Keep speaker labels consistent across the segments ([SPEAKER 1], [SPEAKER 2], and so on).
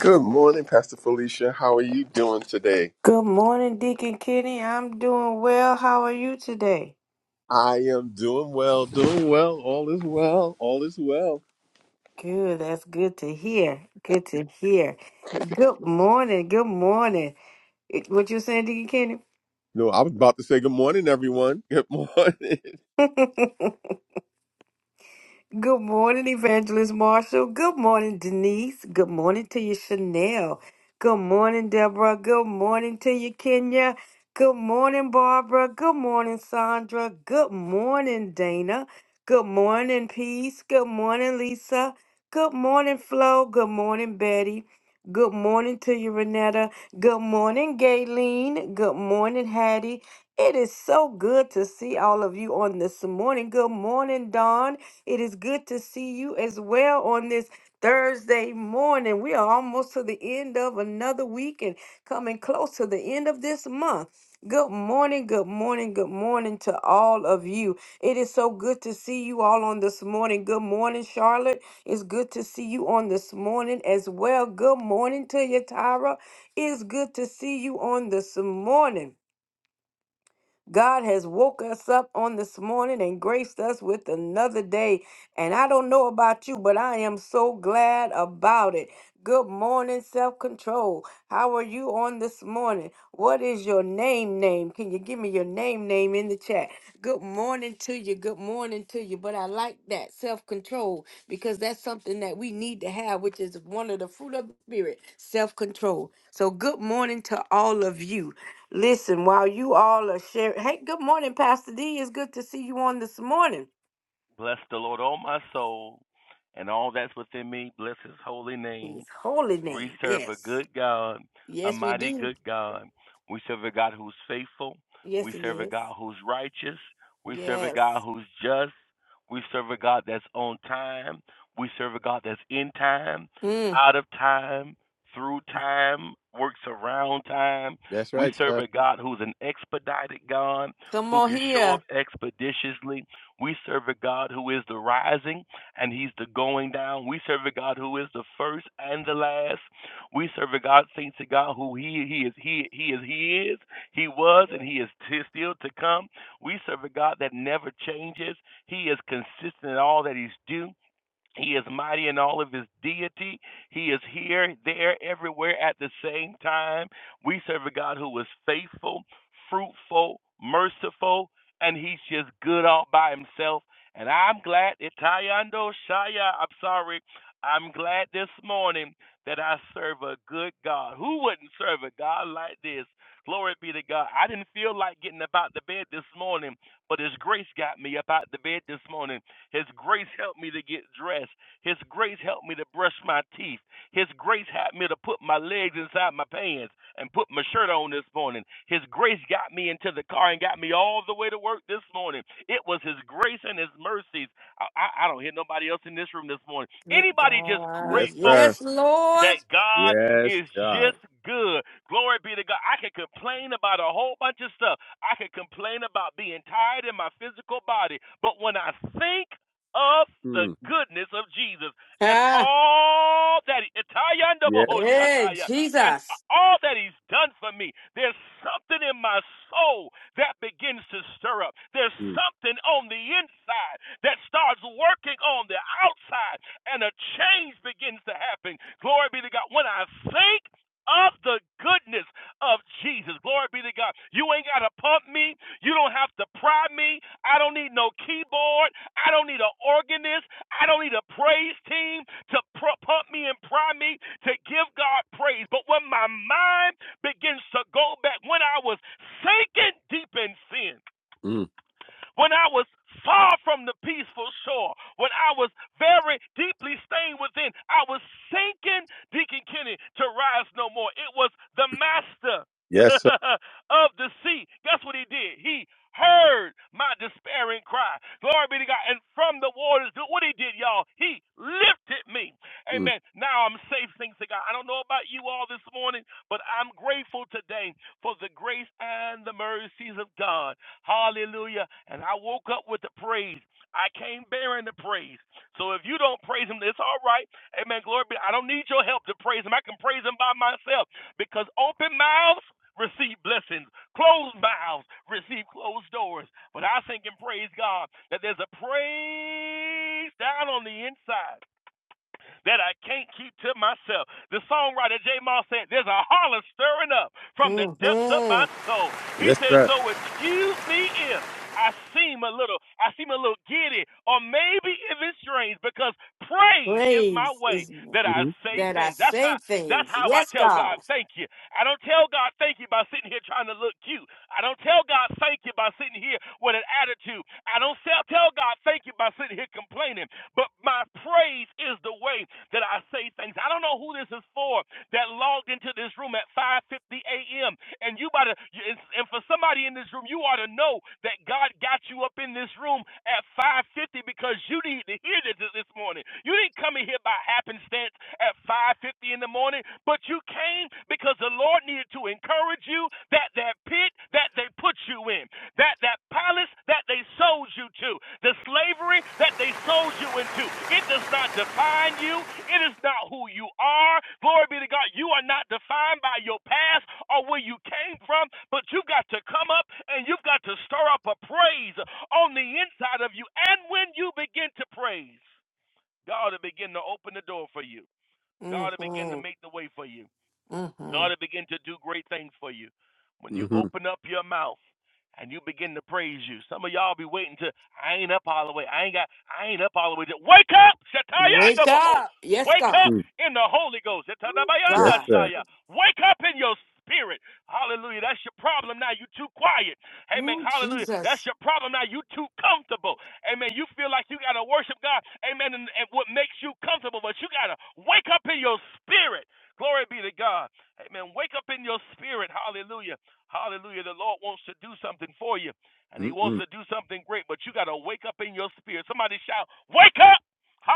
[SPEAKER 1] Good morning, Pastor Felicia. How are you doing today?
[SPEAKER 2] Good morning, Deacon Kenny. I'm doing well. How are you today?
[SPEAKER 1] I am doing well, doing well. All is well, all is well.
[SPEAKER 2] Good. That's good to hear. Good to hear. Good morning. Good morning. Eh, What you saying, Deacon
[SPEAKER 1] No, I was about to say good morning, everyone. Good morning.
[SPEAKER 2] Kenny? good morning, Evangelist Marshall. Good morning, Denise. Good morning to you, Chanel. Good morning, Deborah. Good morning to you, Kenya. Good morning, Barbara. Good morning, Sandra. Good morning, Dana. Good morning, Peace. Good morning, Lisa. Good morning, Flo. Good morning, Betty. Good morning to you, Renetta. Good morning, Gayleen. Good morning, Hattie. It is so good to see all of you on this morning. Good morning, Dawn. It is good to see you as well on this. Thursday morning. We are almost to the end of another week and coming close to the end of this month. Good morning, good morning, good morning to all of you. It is so good to see you all on this morning. Good morning, Charlotte. It's good to see you on this morning as well. Good morning to you, Tyra. It's good to see you on this morning. God has woke us up on this morning and graced us with another day. And I don't know about you, but I am so glad about it. Good morning, self control. How are you on this morning? What is your name? Name? Can you give me your name? Name in the chat. Good morning to you. Good morning to you. But I like that self control because that's something that we need to have, which is one of the fruit of the spirit self control. So, good morning to all of you. Listen, while you all are sharing, hey, good morning, Pastor D. It's good to see you on this morning.
[SPEAKER 3] Bless the Lord, all my soul, and all that's within me. Bless his holy
[SPEAKER 2] In
[SPEAKER 3] name.
[SPEAKER 2] His holy
[SPEAKER 3] We
[SPEAKER 2] name.
[SPEAKER 3] serve a
[SPEAKER 2] Yes.
[SPEAKER 3] good God, a
[SPEAKER 2] Yes, we
[SPEAKER 3] mighty
[SPEAKER 2] do.
[SPEAKER 3] good God. We serve a God who's faithful.
[SPEAKER 2] Yes,
[SPEAKER 3] We
[SPEAKER 2] he
[SPEAKER 3] serve a
[SPEAKER 2] is.
[SPEAKER 3] God who's righteous. We serve a
[SPEAKER 2] Yes.
[SPEAKER 3] God who's just. We serve a God that's on time. We serve a God that's in time,
[SPEAKER 2] Mm,
[SPEAKER 3] out of time, through time, works around time.
[SPEAKER 1] That's
[SPEAKER 3] We
[SPEAKER 1] right,
[SPEAKER 3] serve
[SPEAKER 1] sir.
[SPEAKER 3] a God who's an expedited God,
[SPEAKER 2] come
[SPEAKER 3] who
[SPEAKER 2] on
[SPEAKER 3] can show up
[SPEAKER 2] here.
[SPEAKER 3] expeditiously. We serve a God who is the rising and he's the going down. We serve a God who is the first and the last. We serve a God, saints of God, who he he is he he is he is, he was, and he is still to come. We serve a God that never changes. He is consistent in all that he's do. He is mighty in all of his deity. He is here, there, everywhere at the same time. We serve a God who is faithful, fruitful, merciful, and he's just good all by himself. And I'm glad, Itayando Shaya, I'm sorry. I'm glad this morning that I serve a good God. Who wouldn't serve a God like this? Glory be to God. I didn't feel like getting up out the bed this morning, but His grace got me up out the bed this morning. His grace helped me to get dressed. His grace helped me to brush my teeth. His grace helped me to put my legs inside my pants and put my shirt on this morning. His grace got me into the car and got me all the way to work this morning. It was His grace and His mercies. I, I, I don't hear nobody else in this room this morning.
[SPEAKER 2] Good
[SPEAKER 3] Anybody just
[SPEAKER 2] God.
[SPEAKER 1] Yes,
[SPEAKER 3] grateful
[SPEAKER 1] sir.
[SPEAKER 2] Yes, Lord.
[SPEAKER 3] that God
[SPEAKER 1] Yes,
[SPEAKER 3] is
[SPEAKER 1] God.
[SPEAKER 3] just good. Glory be to God. I can complain about a whole bunch of stuff. I can complain about being tired in my physical body. But when I think of the
[SPEAKER 1] Mm.
[SPEAKER 3] goodness of Jesus and
[SPEAKER 2] Ah,
[SPEAKER 3] all that Itayanda
[SPEAKER 1] Yes.
[SPEAKER 2] yeah,
[SPEAKER 3] shataya, and
[SPEAKER 2] Jesus.
[SPEAKER 3] all that he's done for me, there's something in my soul that begins to stir up. There's
[SPEAKER 1] Mm.
[SPEAKER 3] something on the inside that starts working on the outside and a change begins to happen. Glory be to God. When I think of the goodness of Jesus. Glory be to God. You ain't got to pump me. You don't have to pry me. I don't need no keyboard. I don't need an organist. I don't need a praise team to pump me and pry me to give God praise. But when my mind begins to go back, when I was sinking deep in sin,
[SPEAKER 1] Mm.
[SPEAKER 3] when I was far from the peaceful shore, when I was very deeply stained within, I was sinking, Deacon Kenny, to rise no more. It was the master
[SPEAKER 1] Yes, sir.
[SPEAKER 3] of the sea. Guess what he did? He heard my despairing cry. Glory be to God. And from the waters, do what he did, y'all. He lifted me.
[SPEAKER 1] Mm.
[SPEAKER 3] Amen. Now I'm safe, thanks to God. I don't know about you all this morning, but I'm grateful today for the grace and the mercies of God. Hallelujah. And I woke up with the praise. I came bearing the praise. So if you don't praise him, it's all right. Amen. Glory be. I don't need your help to praise him. I can praise him by myself because open mouths receive blessings, closed mouths receive closed doors. But I think and praise God that there's a praise down on the inside that I can't keep to myself. The songwriter J. Moss said, There's a holler stirring up from the depths of
[SPEAKER 2] Mm-hmm.
[SPEAKER 3] my soul. He
[SPEAKER 1] Yes,
[SPEAKER 3] said,
[SPEAKER 1] sir.
[SPEAKER 3] So excuse me if I seem a little, I seem a little giddy, or maybe even strange, because praise is my
[SPEAKER 2] Praise
[SPEAKER 3] way
[SPEAKER 2] is
[SPEAKER 3] that I
[SPEAKER 1] Mm-hmm.
[SPEAKER 3] say
[SPEAKER 2] that I
[SPEAKER 3] things. That's how
[SPEAKER 2] say
[SPEAKER 3] that's
[SPEAKER 2] things.
[SPEAKER 3] how I
[SPEAKER 2] Yes,
[SPEAKER 3] tell God
[SPEAKER 2] God.
[SPEAKER 3] thank you. I don't tell God thank you by sitting here trying to look cute. I don't tell God thank you by sitting here with an attitude. I don't tell God thank you by sitting here complaining. But my praise is the way that I say things. I don't know who this is for that logged into this room at 5:50 a.m. And you gotta, and for somebody in this room, you ought to know that God got you up in this room at 5:50 because you need to hear this this morning. You didn't come in here by happenstance at 5:50 in the morning, but you came because the Lord needed to encourage you that that pit that they put you in that that palace that they sold you to, the slavery that they sold you into, it does not define you. It is not who you are. Glory be to God. You are not defined by your past or where you came from, but you've got to come up and you've got to stir up a praise on the inside of you. And when you begin to praise, God will begin to open the door for you. God will begin to
[SPEAKER 2] Mm-hmm.
[SPEAKER 3] make the way for you.
[SPEAKER 2] Mm-hmm.
[SPEAKER 3] God will begin to do great things for you. When you
[SPEAKER 1] Mm-hmm.
[SPEAKER 3] open up your mouth and you begin to praise you. Some of y'all be waiting to I ain't up all the way. I ain't got I ain't up all the way. Wake up,
[SPEAKER 2] Wake
[SPEAKER 3] Shatayanda Boho.
[SPEAKER 2] up. Yes,
[SPEAKER 3] Wake
[SPEAKER 2] God.
[SPEAKER 3] up
[SPEAKER 1] Mm.
[SPEAKER 3] in the Holy Ghost.
[SPEAKER 2] Ooh,
[SPEAKER 1] Yes,
[SPEAKER 3] Shatanabayanda
[SPEAKER 2] God.
[SPEAKER 1] sir.
[SPEAKER 3] Shaya. Wake up in your spirit. Hallelujah. That's your problem now. You too quiet. Amen.
[SPEAKER 2] Ooh,
[SPEAKER 3] Hallelujah. That's
[SPEAKER 2] Jesus.
[SPEAKER 3] your problem now. You too comfortable. Amen. You feel like you gotta worship God. Amen. And, and what makes you comfortable, but you gotta wake up in your spirit. Glory be to God. Amen. Wake up in your spirit. Hallelujah. Hallelujah. The Lord wants to do something for you, and He wants
[SPEAKER 1] Mm-mm.
[SPEAKER 3] to do something great, but you got to wake up in your spirit. Somebody shout, Wake up!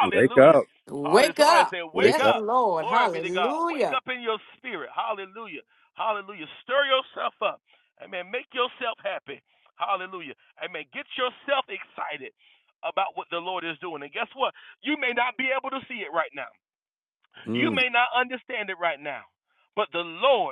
[SPEAKER 1] Wake up.
[SPEAKER 3] Hallelujah.
[SPEAKER 2] Wake
[SPEAKER 3] Somebody
[SPEAKER 2] up.
[SPEAKER 3] say,
[SPEAKER 1] Wake
[SPEAKER 3] Wake
[SPEAKER 2] Yes,
[SPEAKER 1] up.
[SPEAKER 3] up.
[SPEAKER 2] Lord.
[SPEAKER 3] Glory be to God. Wake
[SPEAKER 2] Hallelujah.
[SPEAKER 3] up in your spirit. Hallelujah. Hallelujah. Stir yourself up. Amen. Make yourself happy. Hallelujah. Amen. Get yourself excited about what the Lord is doing. And guess what? You may not be able to see it right now, you
[SPEAKER 1] Mm.
[SPEAKER 3] may not understand it right now but the Lord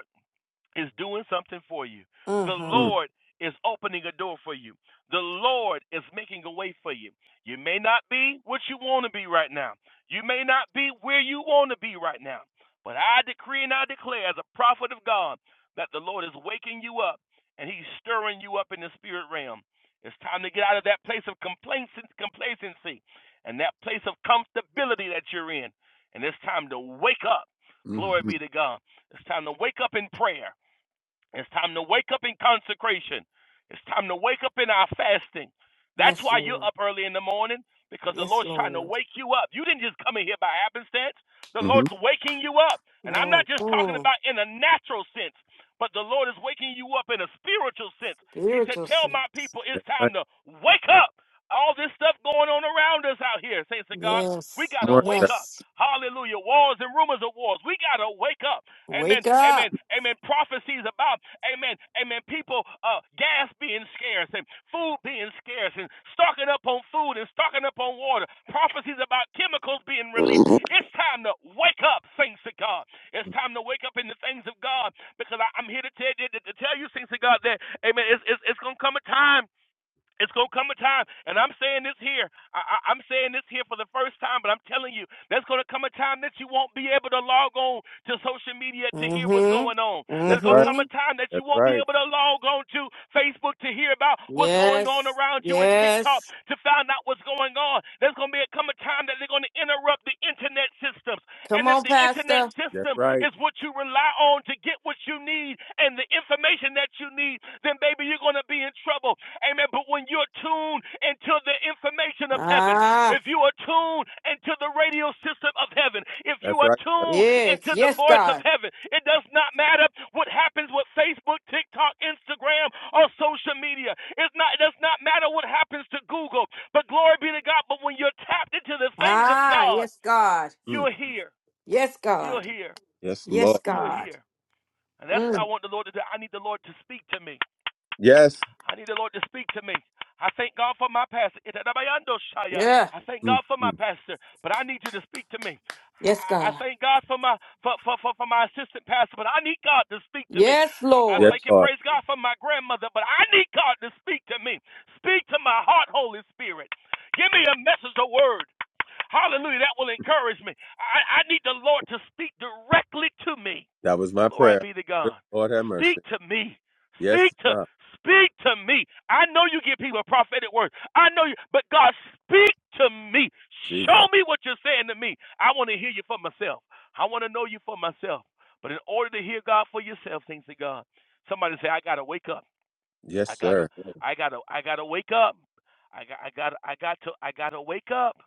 [SPEAKER 3] is doing something for you. The
[SPEAKER 2] Mm-hmm.
[SPEAKER 1] Mm.
[SPEAKER 3] Lord is opening a door for you. The Lord is making a way for you. You may not be what you want to be right now. You may not be where you want to be right now. But I decree and I declare as a prophet of God that the Lord is waking you up and he's stirring you up in the spirit realm. It's time to get out of that place of complacency, and that place of comfortability that you're in. And it's time to wake up. Glory
[SPEAKER 1] Mm-hmm.
[SPEAKER 3] be to God. It's time to wake up in prayer. It's time to wake up in consecration. It's time to wake up in our fasting. That's
[SPEAKER 2] Yes,
[SPEAKER 3] why you're
[SPEAKER 2] Lord.
[SPEAKER 3] up early in the morning because the
[SPEAKER 2] Yes,
[SPEAKER 3] Lord's trying to
[SPEAKER 2] Lord.
[SPEAKER 3] wake you up. You didn't just come in here by happenstance. The
[SPEAKER 1] Mm-hmm.
[SPEAKER 3] Lord's waking you up. And I'm not just talking
[SPEAKER 2] Mm-hmm.
[SPEAKER 3] about in a natural sense, but the Lord is waking you up in a spiritual sense. He said,
[SPEAKER 2] Spiritual
[SPEAKER 3] Tell my
[SPEAKER 2] sense.
[SPEAKER 3] people it's
[SPEAKER 1] That's right.
[SPEAKER 3] time to wake up. All this stuff going on around us out here, saints of God, we
[SPEAKER 2] Yes.
[SPEAKER 1] Come
[SPEAKER 3] got to
[SPEAKER 1] on,
[SPEAKER 3] wake
[SPEAKER 1] sir.
[SPEAKER 3] up.
[SPEAKER 2] Yes.
[SPEAKER 3] Hallelujah. Wars and rumors of wars. We got to wake up amen,
[SPEAKER 2] Wake up.
[SPEAKER 3] amen, amen, prophecies about, amen, amen, people, uh, gas being scarce and food being scarce and stocking up on food and stocking up on water, prophecies about chemicals being released. It's time to wake up, saints of God. It's time to wake up in the things of God because I, I'm here to tell, to, to tell you, saints of God, that, amen, it's, it's, it's going to come a time. It's gonna come a time, and I'm saying this here. I, I, I'm saying this here for the first time, but I'm telling you, there's gonna come a time that you won't be able to log on to social media to hear what's
[SPEAKER 2] Mm-hmm.
[SPEAKER 3] going on.
[SPEAKER 1] That's
[SPEAKER 3] There's gonna
[SPEAKER 1] right.
[SPEAKER 3] come
[SPEAKER 2] Mm-hmm.
[SPEAKER 3] a time that you
[SPEAKER 1] That's
[SPEAKER 3] won't be
[SPEAKER 1] right.
[SPEAKER 3] able to log on to Facebook to hear about what's going on
[SPEAKER 2] Yes.
[SPEAKER 3] around you and TikTok
[SPEAKER 2] Yes.
[SPEAKER 3] to find out what's going on. There's gonna be a, come a time that they're gonna interrupt the internet systems, and
[SPEAKER 2] Come
[SPEAKER 3] if
[SPEAKER 2] on,
[SPEAKER 3] the internet
[SPEAKER 2] Pastor.
[SPEAKER 1] That's
[SPEAKER 3] system
[SPEAKER 1] right.
[SPEAKER 3] is what you rely on to get what you need and the information that you need, then baby, you're gonna be in trouble. Amen. But when you're tuned into the information of heaven,
[SPEAKER 2] Ah,
[SPEAKER 3] if you are tuned into the radio system of heaven, if you
[SPEAKER 1] That's
[SPEAKER 3] are
[SPEAKER 1] right. sir.
[SPEAKER 3] tuned
[SPEAKER 2] yes.
[SPEAKER 3] into the
[SPEAKER 2] Yes,
[SPEAKER 3] voice of
[SPEAKER 2] God.
[SPEAKER 3] heaven, it does not matter what happens with Facebook, TikTok, Instagram, or social media. It's not, it does not matter what happens to Google. But glory be to God. But when you're tapped into the things of
[SPEAKER 2] Ah,
[SPEAKER 3] God,
[SPEAKER 2] yes, God.
[SPEAKER 1] Mm.
[SPEAKER 3] you're here.
[SPEAKER 2] Yes,
[SPEAKER 3] You're
[SPEAKER 2] God.
[SPEAKER 3] here.
[SPEAKER 1] Yes,
[SPEAKER 2] Yes,
[SPEAKER 1] Lord.
[SPEAKER 3] You're
[SPEAKER 2] God.
[SPEAKER 3] here. And that's what I
[SPEAKER 2] Mm.
[SPEAKER 3] want the Lord to do. I need the Lord to speak to me.
[SPEAKER 1] Yes.
[SPEAKER 3] I need the Lord to speak to me. I thank God for my pastor. Itadabayando shaya.
[SPEAKER 2] Yeah.
[SPEAKER 3] I thank
[SPEAKER 1] Mm,
[SPEAKER 3] God for my
[SPEAKER 1] mm.
[SPEAKER 3] pastor, but I need you to speak to me.
[SPEAKER 2] Yes,
[SPEAKER 3] I I
[SPEAKER 2] God.
[SPEAKER 3] thank God for my for, for, for, for my assistant pastor, but I need God to speak to me.
[SPEAKER 2] Yes,
[SPEAKER 3] I I
[SPEAKER 1] Yes,
[SPEAKER 2] Lord.
[SPEAKER 3] thank and
[SPEAKER 1] Lord.
[SPEAKER 3] praise God for my grandmother, but I need God to speak to me. Speak to my heart, Holy Spirit. Give me a message, a word. Hallelujah. That will encourage me. I, I need the Lord to speak directly to me.
[SPEAKER 1] That was my
[SPEAKER 3] Glory
[SPEAKER 1] prayer.
[SPEAKER 3] be to
[SPEAKER 1] Good
[SPEAKER 3] God.
[SPEAKER 1] Lord have
[SPEAKER 3] Speak
[SPEAKER 1] mercy.
[SPEAKER 3] to me. Speak
[SPEAKER 1] Yes,
[SPEAKER 3] to
[SPEAKER 1] sir.
[SPEAKER 3] speak to me. I know you give people prophetic words. I know you, but God, speak to me. Show
[SPEAKER 1] Jesus.
[SPEAKER 3] me what you're saying to me. I want to hear you for myself. I want to know you for myself. But in order to hear God for yourself, things to God. Somebody say, I gotta wake up.
[SPEAKER 1] Yes,
[SPEAKER 3] I gotta,
[SPEAKER 1] sir.
[SPEAKER 3] I gotta, I gotta wake up. I got, I got, I got to, I gotta wake up.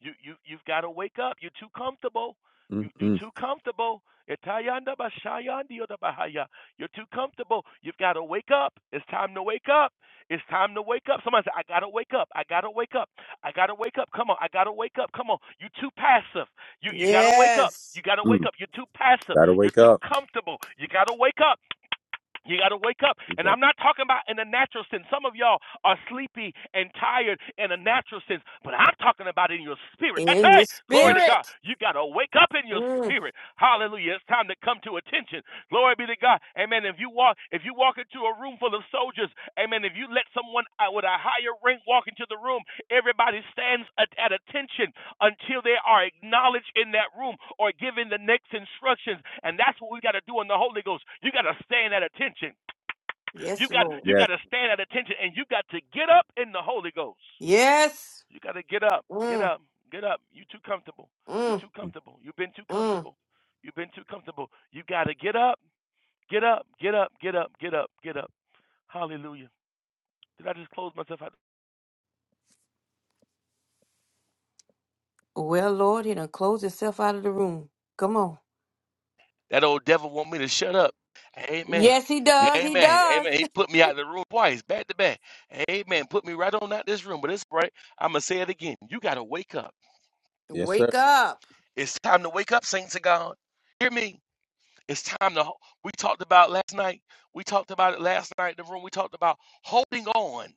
[SPEAKER 3] You, you, you've got to wake up. You're too comfortable. You,
[SPEAKER 1] Mm,
[SPEAKER 3] you're
[SPEAKER 1] mm,
[SPEAKER 3] too comfortable. Itayanda bashayandiyo da bahaya. You're too comfortable. You've got to wake up. It's time to wake up. It's time to wake up. Somebody say, I gotta wake up. I gotta wake up. I gotta wake up. Come on. I gotta wake up. Come on. You're too passive. You, you gotta wake up. You
[SPEAKER 2] Yes.
[SPEAKER 3] gotta wake
[SPEAKER 1] mm.
[SPEAKER 3] up. You're too passive.
[SPEAKER 1] Gotta
[SPEAKER 3] You're
[SPEAKER 1] wake
[SPEAKER 3] too
[SPEAKER 1] up.
[SPEAKER 3] comfortable. You gotta wake up. You got to wake up. And
[SPEAKER 1] Jesus.
[SPEAKER 3] I'm not talking about in a natural sense. Some of y'all are sleepy and tired in a natural sense, but I'm talking about in your spirit.
[SPEAKER 2] In
[SPEAKER 3] Hey,
[SPEAKER 2] your
[SPEAKER 3] hey, glory
[SPEAKER 1] Mm,
[SPEAKER 3] to God.
[SPEAKER 2] spirit.
[SPEAKER 3] You got to wake up in your
[SPEAKER 2] Mm.
[SPEAKER 3] spirit. Hallelujah. It's time to come to attention. Glory be to God. Amen. If you walk, if you walk into a room full of soldiers, amen. If you let someone uh, with a higher rank walk into the room, everybody stands at, at attention until they are acknowledged in that room or given the next instructions. And that's what we got to do in the Holy Ghost. You got to stand at attention. You
[SPEAKER 2] Yes,
[SPEAKER 3] got
[SPEAKER 2] Lord.
[SPEAKER 3] you
[SPEAKER 1] yes.
[SPEAKER 3] got to stand at attention, and you got to get up in the Holy Ghost.
[SPEAKER 2] Yes.
[SPEAKER 3] You got to get up, get
[SPEAKER 2] Mm.
[SPEAKER 3] up, get up. You too comfortable. You
[SPEAKER 2] Mm.
[SPEAKER 3] too
[SPEAKER 1] Mm.
[SPEAKER 3] comfortable. You've been too
[SPEAKER 2] Mm.
[SPEAKER 3] comfortable. You've been too comfortable. You got to get up. Get up, get up, get up, get up, get up. Hallelujah. Did I just close myself out?
[SPEAKER 2] Well, Lord, he done closed himself out of the room. Come on.
[SPEAKER 3] That old devil want me to shut up. Amen.
[SPEAKER 2] Yes, he does. He
[SPEAKER 3] Amen.
[SPEAKER 2] does.
[SPEAKER 3] Amen. He put me out of the room twice, back to back. Amen. Put me right on out this room. But it's right. I'm gonna say it again. You gotta wake up.
[SPEAKER 1] Yes, sir.
[SPEAKER 2] Wake up.
[SPEAKER 3] It's time to wake up, saints of God. Hear me. It's time to. We talked about last night. We talked about it last night. in The room. We talked about holding on.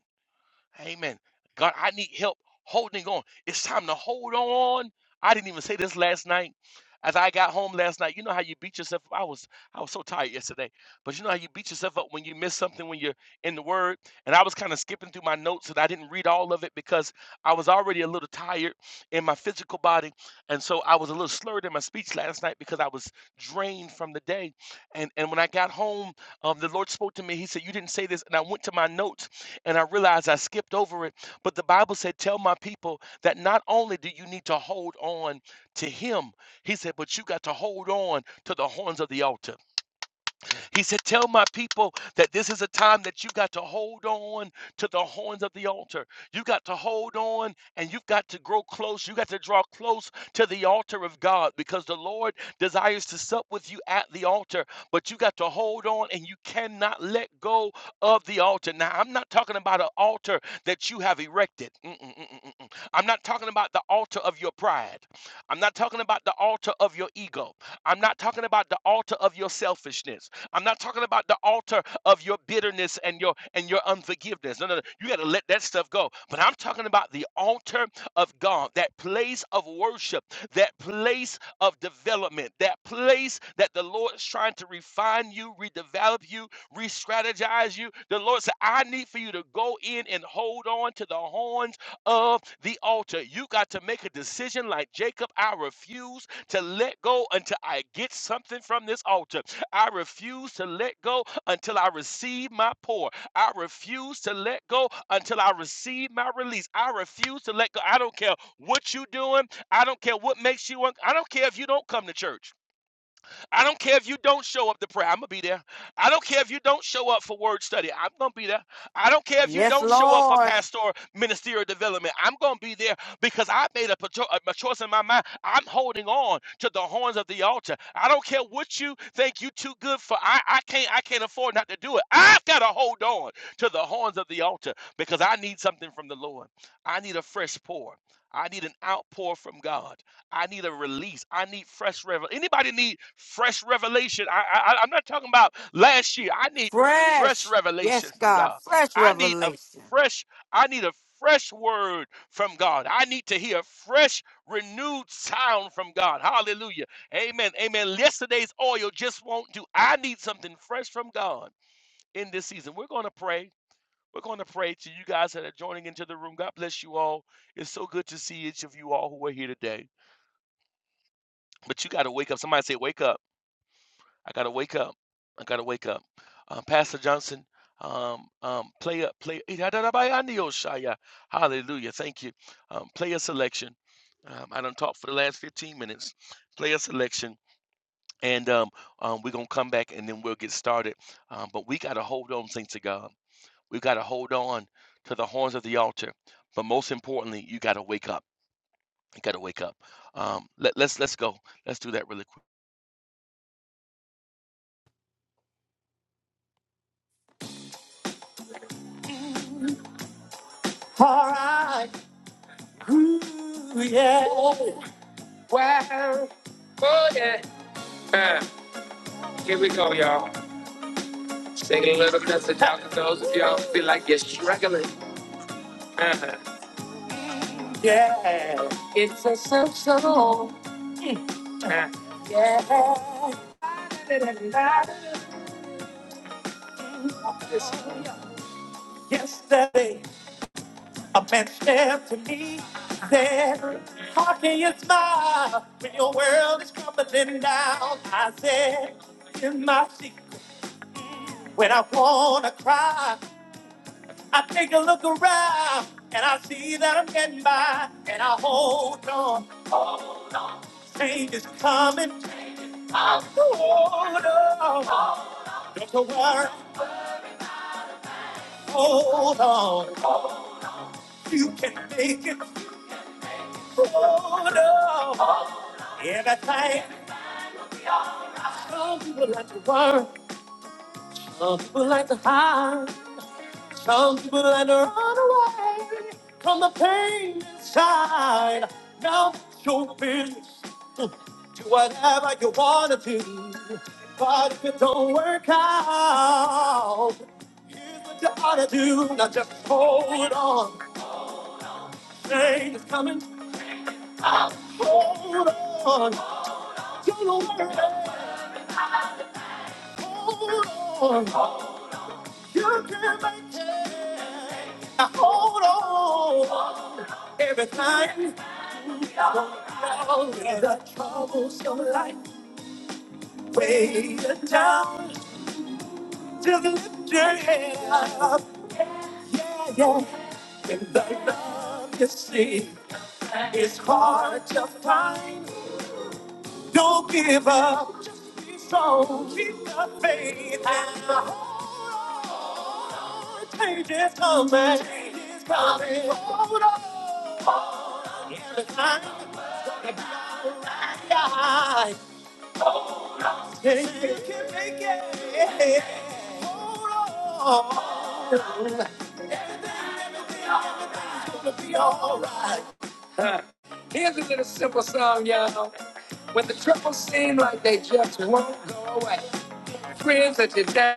[SPEAKER 3] Amen. God, I need help holding on. It's time to hold on. I didn't even say this last night. As I got home last night, you know how you beat yourself up. I was I was so tired yesterday, but you know how you beat yourself up when you miss something when you're in the Word. And I was kind of skipping through my notes and I didn't read all of it because I was already a little tired in my physical body, and so I was a little slurred in my speech last night because I was drained from the day. And and when I got home, um, the Lord spoke to me. He said, "You didn't say this," and I went to my notes and I realized I skipped over it, but the Bible said, Tell my people that not only do you need to hold on to him, he said, but you got to hold on to the horns of the altar. He said, Tell my people that this is a time that you got to hold on to the horns of the altar. You got to hold on and you've got to grow close. You got to draw close to the altar of God because the Lord desires to sup with you at the altar, but you got to hold on and you cannot let go of the altar. Now, I'm not talking about an altar that you have erected. Mm-mm-mm-mm-mm. I'm not talking about the altar of your pride. I'm not talking about the altar of your ego. I'm not talking about the altar of your selfishness. I'm not talking about the altar of your bitterness and your and your unforgiveness. No, no, no. You got to let that stuff go. But I'm talking about the altar of God, that place of worship, that place of development, that place that the Lord is trying to refine you, redevelop you, re-strategize you. The Lord said, I need for you to go in and hold on to the horns of the altar. You got to make a decision like Jacob. I refuse to let go until I get something from this altar. I refuse to let go until I receive my pour. I refuse to let go until I receive my release. I refuse to let go. I don't care what you're doing. I don't care what makes you. Un- I don't care if you don't come to church. I don't care if you don't show up to prayer. I'm going to be there. I don't care if you don't show up for word study. I'm going to be there. I don't care if you
[SPEAKER 2] Yes,
[SPEAKER 3] don't show up for
[SPEAKER 2] Lord.
[SPEAKER 3] pastoral ministerial development. I'm going to be there because I made a, patro- a a choice in my mind. I'm holding on to the horns of the altar. I don't care what you think you too good for. I, I can't I can't afford not to do it. I've got to hold on to the horns of the altar because I need something from the Lord. I need a fresh pour. I need an outpour from God. I need a release. I need fresh revelation. Anybody need fresh revelation? I, I, I- I'm not talking about last year. I need fresh
[SPEAKER 2] Fresh.
[SPEAKER 3] revelation
[SPEAKER 2] Yes,
[SPEAKER 3] from
[SPEAKER 2] God.
[SPEAKER 3] God.
[SPEAKER 2] Fresh
[SPEAKER 3] I need a
[SPEAKER 2] revelation.
[SPEAKER 3] fresh. I need a fresh word from God. I need to hear a fresh, renewed sound from God. Hallelujah. Amen. Amen. Yesterday's oil just won't do. I need something fresh from God in this season. We're going to pray. We're going to pray to you guys that are joining into the room. God bless you all. It's so good to see each of you all who are here today. But you got to wake up. Somebody say, "Wake up! I got to wake up! I got to wake up!" Um, Pastor Johnson, um, um, play up, play. Shaya. Hallelujah! Thank you. Um, play a selection. Um, I done talked for the last 15 minutes. Play a selection, and um, um, we're gonna come back, and then we'll get started. Um, but we got to hold on, things to God. We got to hold on to the horns of the altar. But most importantly, you got to wake up. You got to wake up. Um, let, let's let's go. Let's do that really. quick.
[SPEAKER 2] All right. Ooh, yeah. Oh, wow. Oh, yeah. Uh, here we go, y'all. Sing a little message out to those of y'all who feel like you're struggling. Uh-huh. Yeah. It's a so so. Uh, yeah. Yesterday, a man said to me, said, How can you smile when your world is crumbling down? I said, In my secret, when I wanna cry, I take a look around and I see that I'm getting by and I hold on. Change is coming. Hold on. Don't you worry. Hold on. You can make it. Hold on. Everything. Some people like to worry. Some people like to hide. Some people like to run away from the pain inside. Now it's your business. Do whatever you wanna do. But if it don't work out, here's what you ought to do. Now just hold on. Rain is coming. out. hold on. Don't worry. Hold on. You can make it. Now hold on. Every time the troubles of life weigh you down, just lift your head up. Yeah, yeah. In the love you see, it's hard to find. Don't give up. Just be strong. Keep the faith. And hold on. Change is coming. Change is coming. Hold on. Hold on. Everything is gonna be alright. Think you can make it. Hold on. Everything, everything, everything's gonna be alright. Huh. Here's a little simple song, y'all. When the troubles seem like they just won't go away. Friends that you down.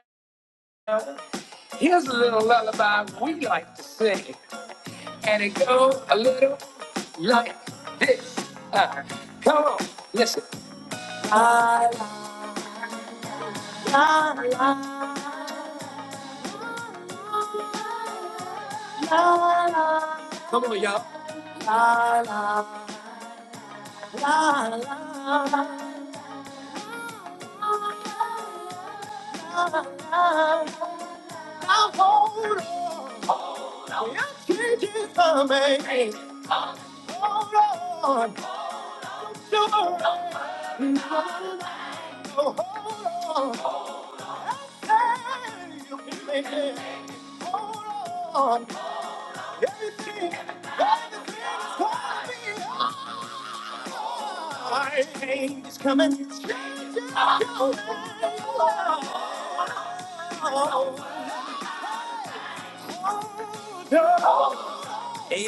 [SPEAKER 2] Here's a little lullaby we like to sing. And it goes a little like this. Uh, come on, listen. La, la, la, la, la, Come on, y'all. La, la, la, la, la. I Hold on. Hold on. Can't you come back? Hold on, don't you worry, hold on. I say you can make it. Hold on, everything that is is gonna be alright. Change is coming, change is coming. Oh, no,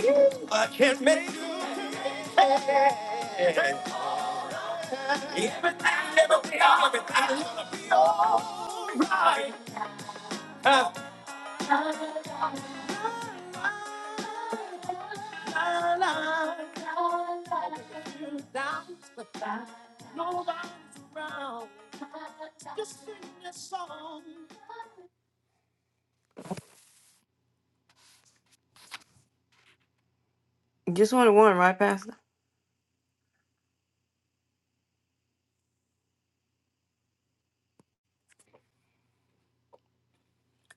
[SPEAKER 2] no, I can't make it. Everything, never be all, everything gonna be all right. Uh, la, la, la. la, la. Doubts, but Nobody's around. Just sing this song. Just want to warn, right, Pastor?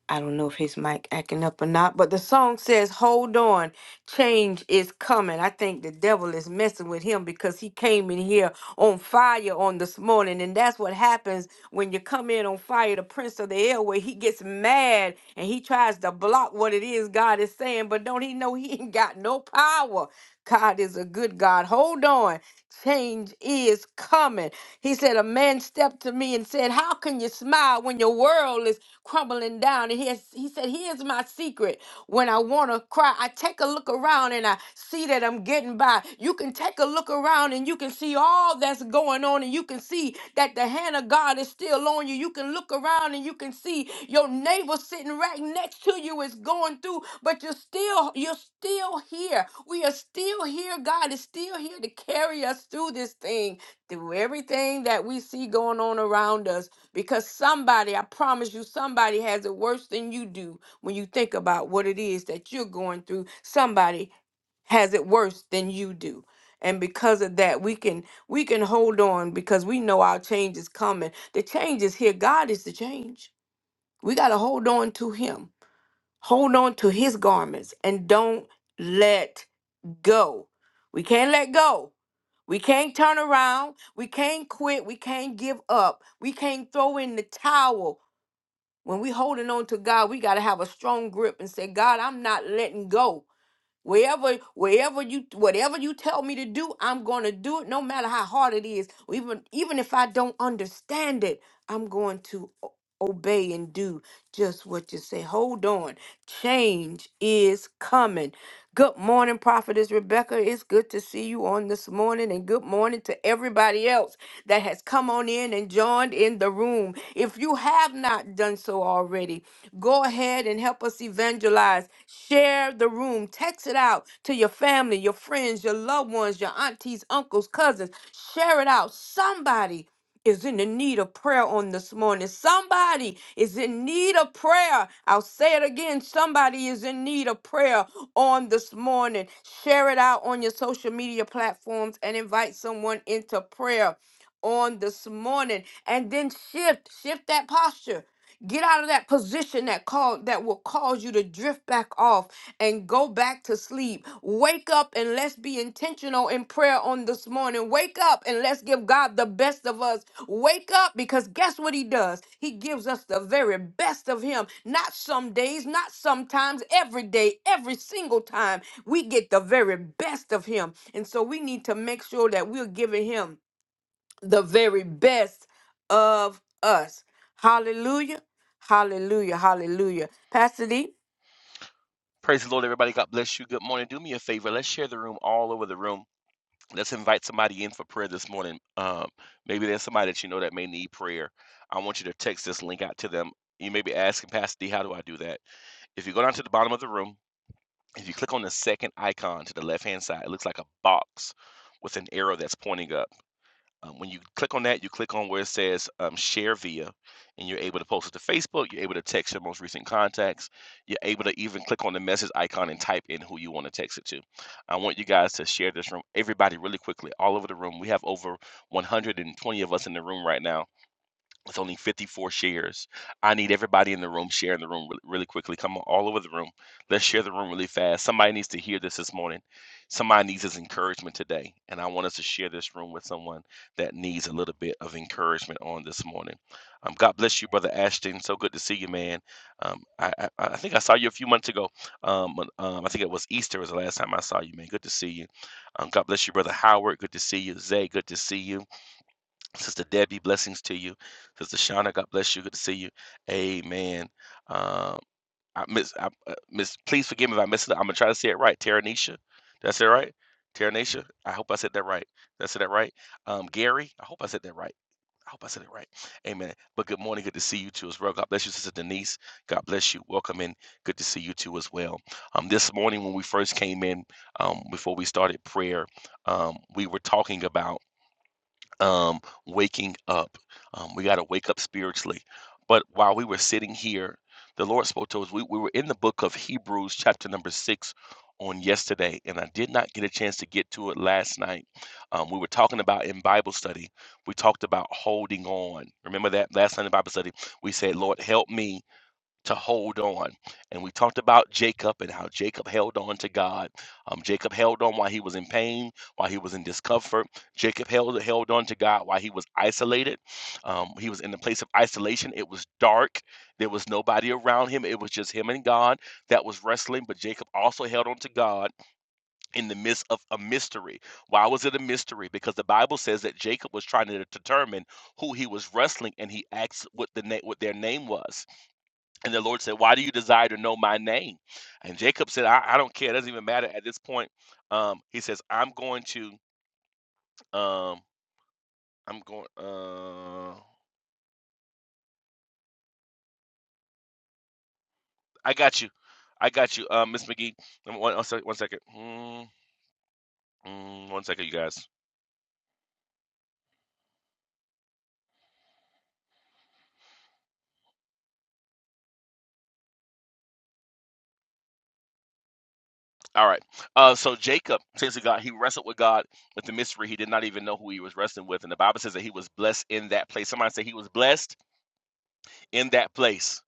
[SPEAKER 2] I don't know if his mic acting up or not, but the song says, "Hold on, change is coming." I think the devil is messing with him because he came in here on fire on this morning, and that's what happens when you come in on fire. The prince of the airway, he gets mad and he tries to block what it is God is saying, but don't he know he ain't got no power? God is a good God. Hold on. Change is coming. He said, A man stepped to me and said, How can you smile when your world is crumbling down? And he, has, he said, Here's my secret. When I want to cry, I take a look around and I see that I'm getting by. You can take a look around and you can see all stuff that's going on and you can see that the hand of God is still on you. You can look around and you can see your neighbor sitting right next to you is going through, but you're still you're still here. We are still here. God is still here to carry us through this thing, through everything that we see going on around us because somebody, I promise you, somebody has it worse than you do when you think about what it is that you're going through. Somebody has it worse than you do. And because of that, we can we can hold on because we know our change is coming. The change is here. God is the change. We got to hold on to Him, hold on to His garments, and don't let go. We can't let go. We can't turn around. We can't quit. We can't give up. We can't throw in the towel. When we holding on to God, we got to have a strong grip and say, God, I'm not letting go. Wherever, wherever you, whatever you tell me to do, I'm going to do it, no matter how hard it is. Or Even, even if I don't understand it, I'm going to o- obey and do just what you say. Hold on, change is coming. Good morning, Prophetess Rebecca. It's good to see you on this morning, and good morning to everybody else that has come on in and joined in the room. If you have not done so already, Go ahead and help us evangelize. Share the room. Text it out to your family, your friends, your loved ones, your aunties, uncles, cousins. Share it out. Somebody is in the need of prayer on this morning. Somebody is in need of prayer. I'll say it again. Somebody is in need of prayer on this morning. Share it out on your social media platforms and invite someone into prayer on this morning. And then shift, shift that posture. Get out of that position that called that will cause you to drift back off and go back to sleep. Wake up and let's be intentional in prayer on this morning. Wake up and let's give God the best of us. Wake up because guess what he does? He gives us the very best of him. Not some days, not sometimes, every day, every single time. We get the very best of him. And so we need to make sure that we're giving him the very best of us. Hallelujah. Hallelujah. Hallelujah. Pastor D.
[SPEAKER 3] Praise the Lord, everybody. God bless you. Good morning. Do me a favor. Let's share the room all over the room. Let's invite somebody in for prayer this morning. Um, maybe there's somebody that you know that may need prayer. I want you to text this link out to them. You may be asking, Pastor D, how do I do that? If you go down to the bottom of the room, if you click on the second icon to the left hand side, it looks like a box with an arrow that's pointing up. Um, when you click on that, you click on where it says um, share via, and you're able to post it to Facebook. You're able to text your most recent contacts. You're able to even click on the message icon and type in who you want to text it to. I want you guys to share this room, everybody, really quickly, all over the room. We have over 120 of us in the room right now with only 54 shares. I need everybody in the room sharing the room really, really quickly. Come on, all over the room. Let's share the room really fast. Somebody needs to hear this this morning. Somebody needs this encouragement today. And I want us to share this room with someone that needs a little bit of encouragement on this morning. Um, God bless you, Brother Ashton. So good to see you, man. Um, I, I, I think I saw you a few months ago. Um, um, I think it was Easter was the last time I saw you, man. Good to see you. Um, God bless you, Brother Howard. Good to see you. Zay, good to see you. Sister Debbie, blessings to you. Sister Shauna, God bless you. Good to see you. Amen. Um, I miss, I, uh, miss. Please forgive me if I miss it. I'm gonna try to say it right. Taranisha, did I say it right? Taranisha, I hope I said that right. Did I say that right? Um, Gary, I hope I said that right. I hope I said it right. Amen. But good morning. Good to see you too as well. God bless you, Sister Denise. God bless you. Welcome in. Good to see you too as well. Um, this morning when we first came in, um, before we started prayer, um, we were talking about um, waking up. Um, we got to wake up spiritually. But while we were sitting here, the Lord spoke to us. We, we were in the book of Hebrews, chapter number six, on yesterday, and I did not get a chance to get to it last night. Um, we were talking about in Bible study, we talked about holding on. Remember that last night in Bible study, we said, Lord, help me to hold on. And we talked about Jacob and how Jacob held on to God. Um, Jacob held on while he was in pain, while he was in discomfort. Jacob held held on to God while he was isolated. Um, he was in the place of isolation. It was dark. There was nobody around him. It was just him and God that was wrestling. But Jacob also held on to God in the midst of a mystery. Why was it a mystery? Because the Bible says that Jacob was trying to determine who he was wrestling, and he asked what the na- what their name was. And the Lord said, Why do you desire to know my name? And Jacob said, I, I don't care. It doesn't even matter at this point. Um, he says, I'm going to, um, I'm going, uh, I got you. I got you, uh, Miss McGee. One, one sec- one second. Mm, mm, one second, you guys. All right. Uh, so Jacob, says to God, he wrestled with God with the mystery. He did not even know who he was wrestling with. And the Bible says that he was blessed in that place. Somebody say he was blessed in that place.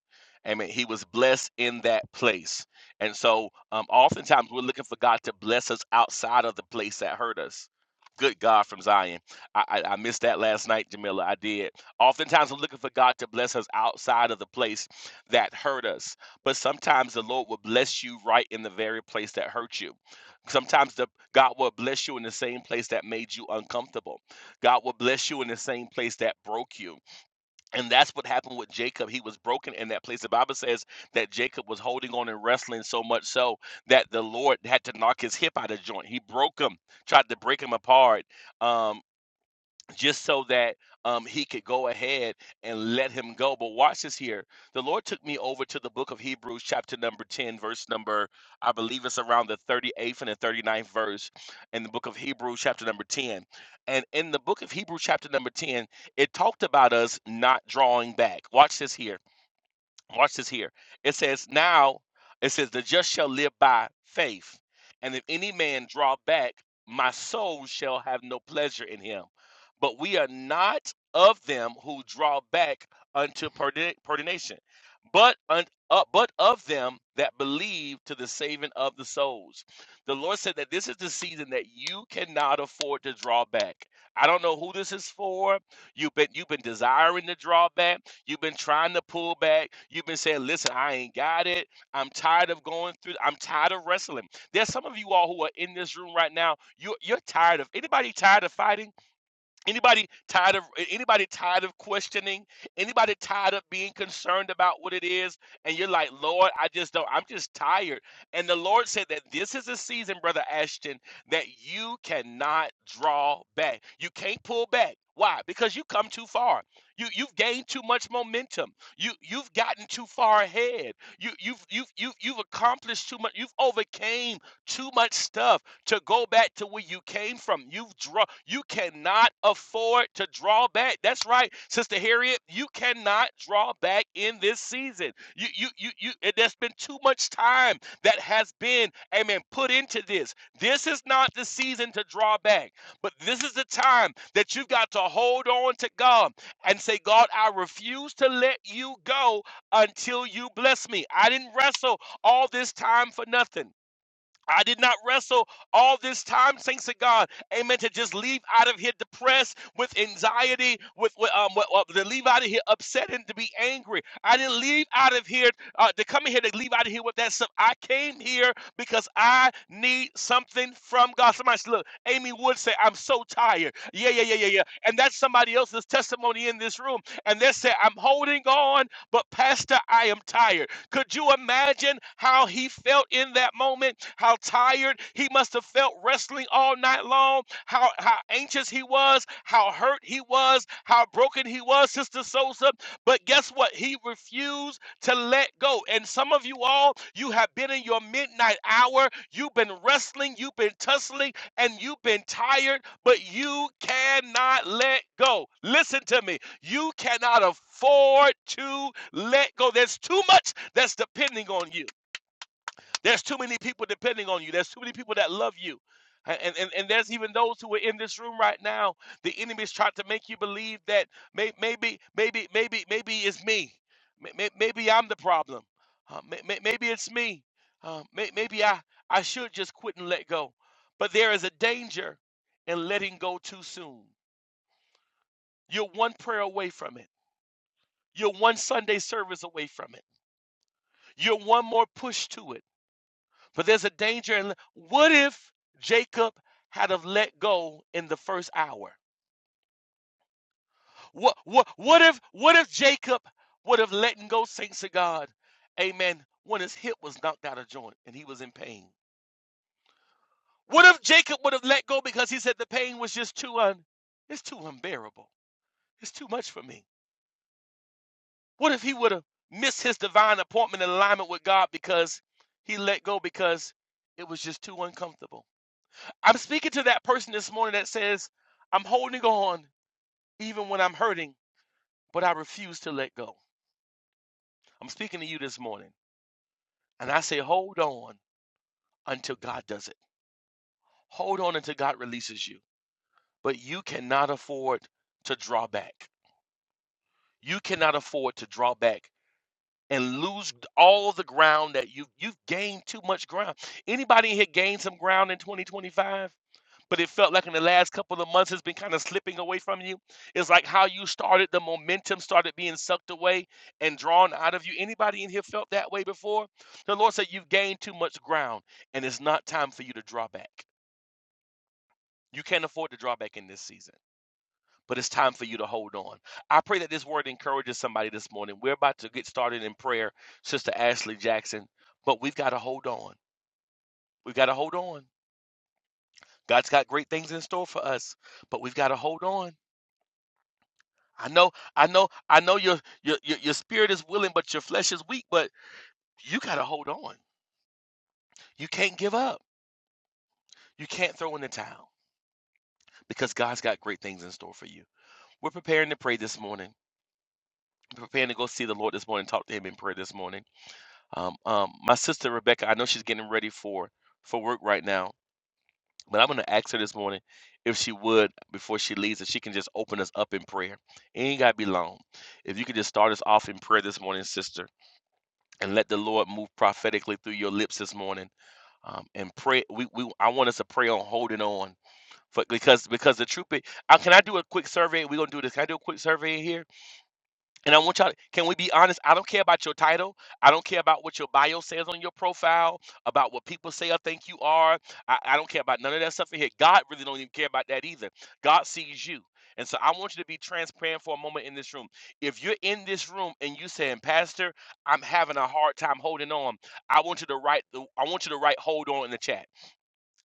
[SPEAKER 3] Amen. He was blessed in that place. And so um, oftentimes we're looking for God to bless us outside of the place that hurt us. Good God from Zion. I, I, I missed that last night, Jamila. I did. Oftentimes we're looking for God to bless us outside of the place that hurt us. But sometimes the Lord will bless you right in the very place that hurt you. Sometimes the, God will bless you in the same place that made you uncomfortable. God will bless you in the same place that broke you. And that's what happened with Jacob. He was broken in that place. The Bible says that Jacob was holding on and wrestling so much so that the Lord had to knock his hip out of joint. He broke him, tried to break him apart. Um, just so that um, he could go ahead and let him go. But watch this here. The Lord took me over to the book of Hebrews, chapter number 10, verse number, I believe it's around the 38th and the thirty ninth verse in the book of Hebrews, chapter number 10. And in the book of Hebrews, chapter number 10, it talked about us not drawing back. Watch this here. Watch this here. It says, Now, it says, The just shall live by faith. And if any man draw back, my soul shall have no pleasure in him. But we are not of them who draw back unto perdi- perdition, but, un, uh, but of them that believe to the saving of the souls. The Lord said that this is the season that you cannot afford to draw back. I don't know who this is for. You've been you've been desiring to draw back. You've been trying to pull back. You've been saying, "Listen, I ain't got it. I'm tired of going through. I'm tired of wrestling." There's some of you all who are in this room right now. You you're tired of anybody tired of fighting? Anybody tired of anybody tired of questioning? Anybody tired of being concerned about what it is? And you're like, Lord, I just don't. I'm just tired. And the Lord said that this is a season, brother Ashton, that you cannot draw back. You can't pull back. Why? Because you come too far. You you've gained too much momentum. You you've gotten too far ahead. You you've you've you've you've accomplished too much. You've overcame too much stuff to go back to where you came from. You've draw you cannot afford to draw back. That's right, Sister Harriet. You cannot draw back in this season. You you you you and there's been too much time that has been, amen, put into this. This is not the season to draw back, but this is the time that you've got to hold on to God and say, God, I refuse to let you go until you bless me. I didn't wrestle all this time for nothing. I did not wrestle all this time, thanks to God. Amen. To just leave out of here depressed with anxiety, with, with um, with, uh, to leave out of here upset and to be angry. I didn't leave out of here uh, to come in here to leave out of here with that stuff. I came here because I need something from God. Somebody said, look, Amy Wood said, I'm so tired. Yeah, yeah, yeah, yeah, yeah. And that's somebody else's testimony in this room. And they said, I'm holding on, but Pastor, I am tired. Could you imagine how he felt in that moment? How tired he must have felt wrestling all night long, how, how anxious he was, how hurt he was, how broken he was, Sister Sosa. But guess what? He refused to let go. And some of you all, you have been in your midnight hour, you've been wrestling, you've been tussling, and you've been tired, but you cannot let go. Listen to me. You cannot afford to let go. There's too much that's depending on you. There's too many people depending on you. There's too many people that love you. And, and, and there's even those who are in this room right now. The enemy is trying to make you believe that may, maybe, maybe, maybe, maybe it's me. may- Maybe I'm the problem. Uh, may- may- maybe it's me. Uh, may- maybe I, I should just quit and let go. But there is a danger in letting go too soon. You're one prayer away from it. You're one Sunday service away from it. You're one more push to it. But there's a danger. And what if Jacob had have let go in the first hour? What what what if what if Jacob would have let go saints of God? Amen. When his hip was knocked out of joint and he was in pain. What if Jacob would have let go because he said the pain was just too un it's too unbearable. It's too much for me. What if he would have missed his divine appointment and alignment with God because he let go because it was just too uncomfortable? I'm speaking to that person this morning that says, I'm holding on even when I'm hurting, but I refuse to let go. I'm speaking to you this morning, and I say, hold on until God does it. Hold on until God releases you. But you cannot afford to draw back. You cannot afford to draw back and lose all the ground that you you've gained too much ground. Anybody in here gained some ground in 2025? But it felt like in the last couple of months it's been kind of slipping away from you. It's like how you started, the momentum started being sucked away and drawn out of you. Anybody in here felt that way before? The Lord said you've gained too much ground and it's not time for you to draw back. You can't afford to draw back in this season but it's time for you to hold on. I pray that this word encourages somebody this morning. We're about to get started in prayer, Sister Ashley Jackson, but we've got to hold on. We've got to hold on. God's got great things in store for us, but we've got to hold on. I know, I know, I know your your your your spirit is willing, but your flesh is weak, but you got to hold on. You can't give up. You can't throw in the towel because God's got great things in store for you. We're preparing to pray this morning. preparing to go see the Lord this morning, talk to him in prayer this morning. Um, um, my sister Rebecca, I know she's getting ready for for work right now, but I'm gonna ask her this morning if she would before she leaves, if she can just open us up in prayer. It ain't gotta be long. If you could just start us off in prayer this morning, sister, and let the Lord move prophetically through your lips this morning. Um, and pray. We, we I want us to pray on holding on, for because because the truth. is, uh, can I do a quick survey? We're gonna do this. Can I do a quick survey in here? And I want y'all, can we be honest? I don't care about your title. I don't care about what your bio says on your profile, about what people say or think you are. I, I don't care about none of that stuff in here. God really don't even care about that either. God sees you. And so I want you to be transparent for a moment in this room. If you're in this room and you saying, Pastor, I'm having a hard time holding on, I want you to write the I want you to write hold on in the chat.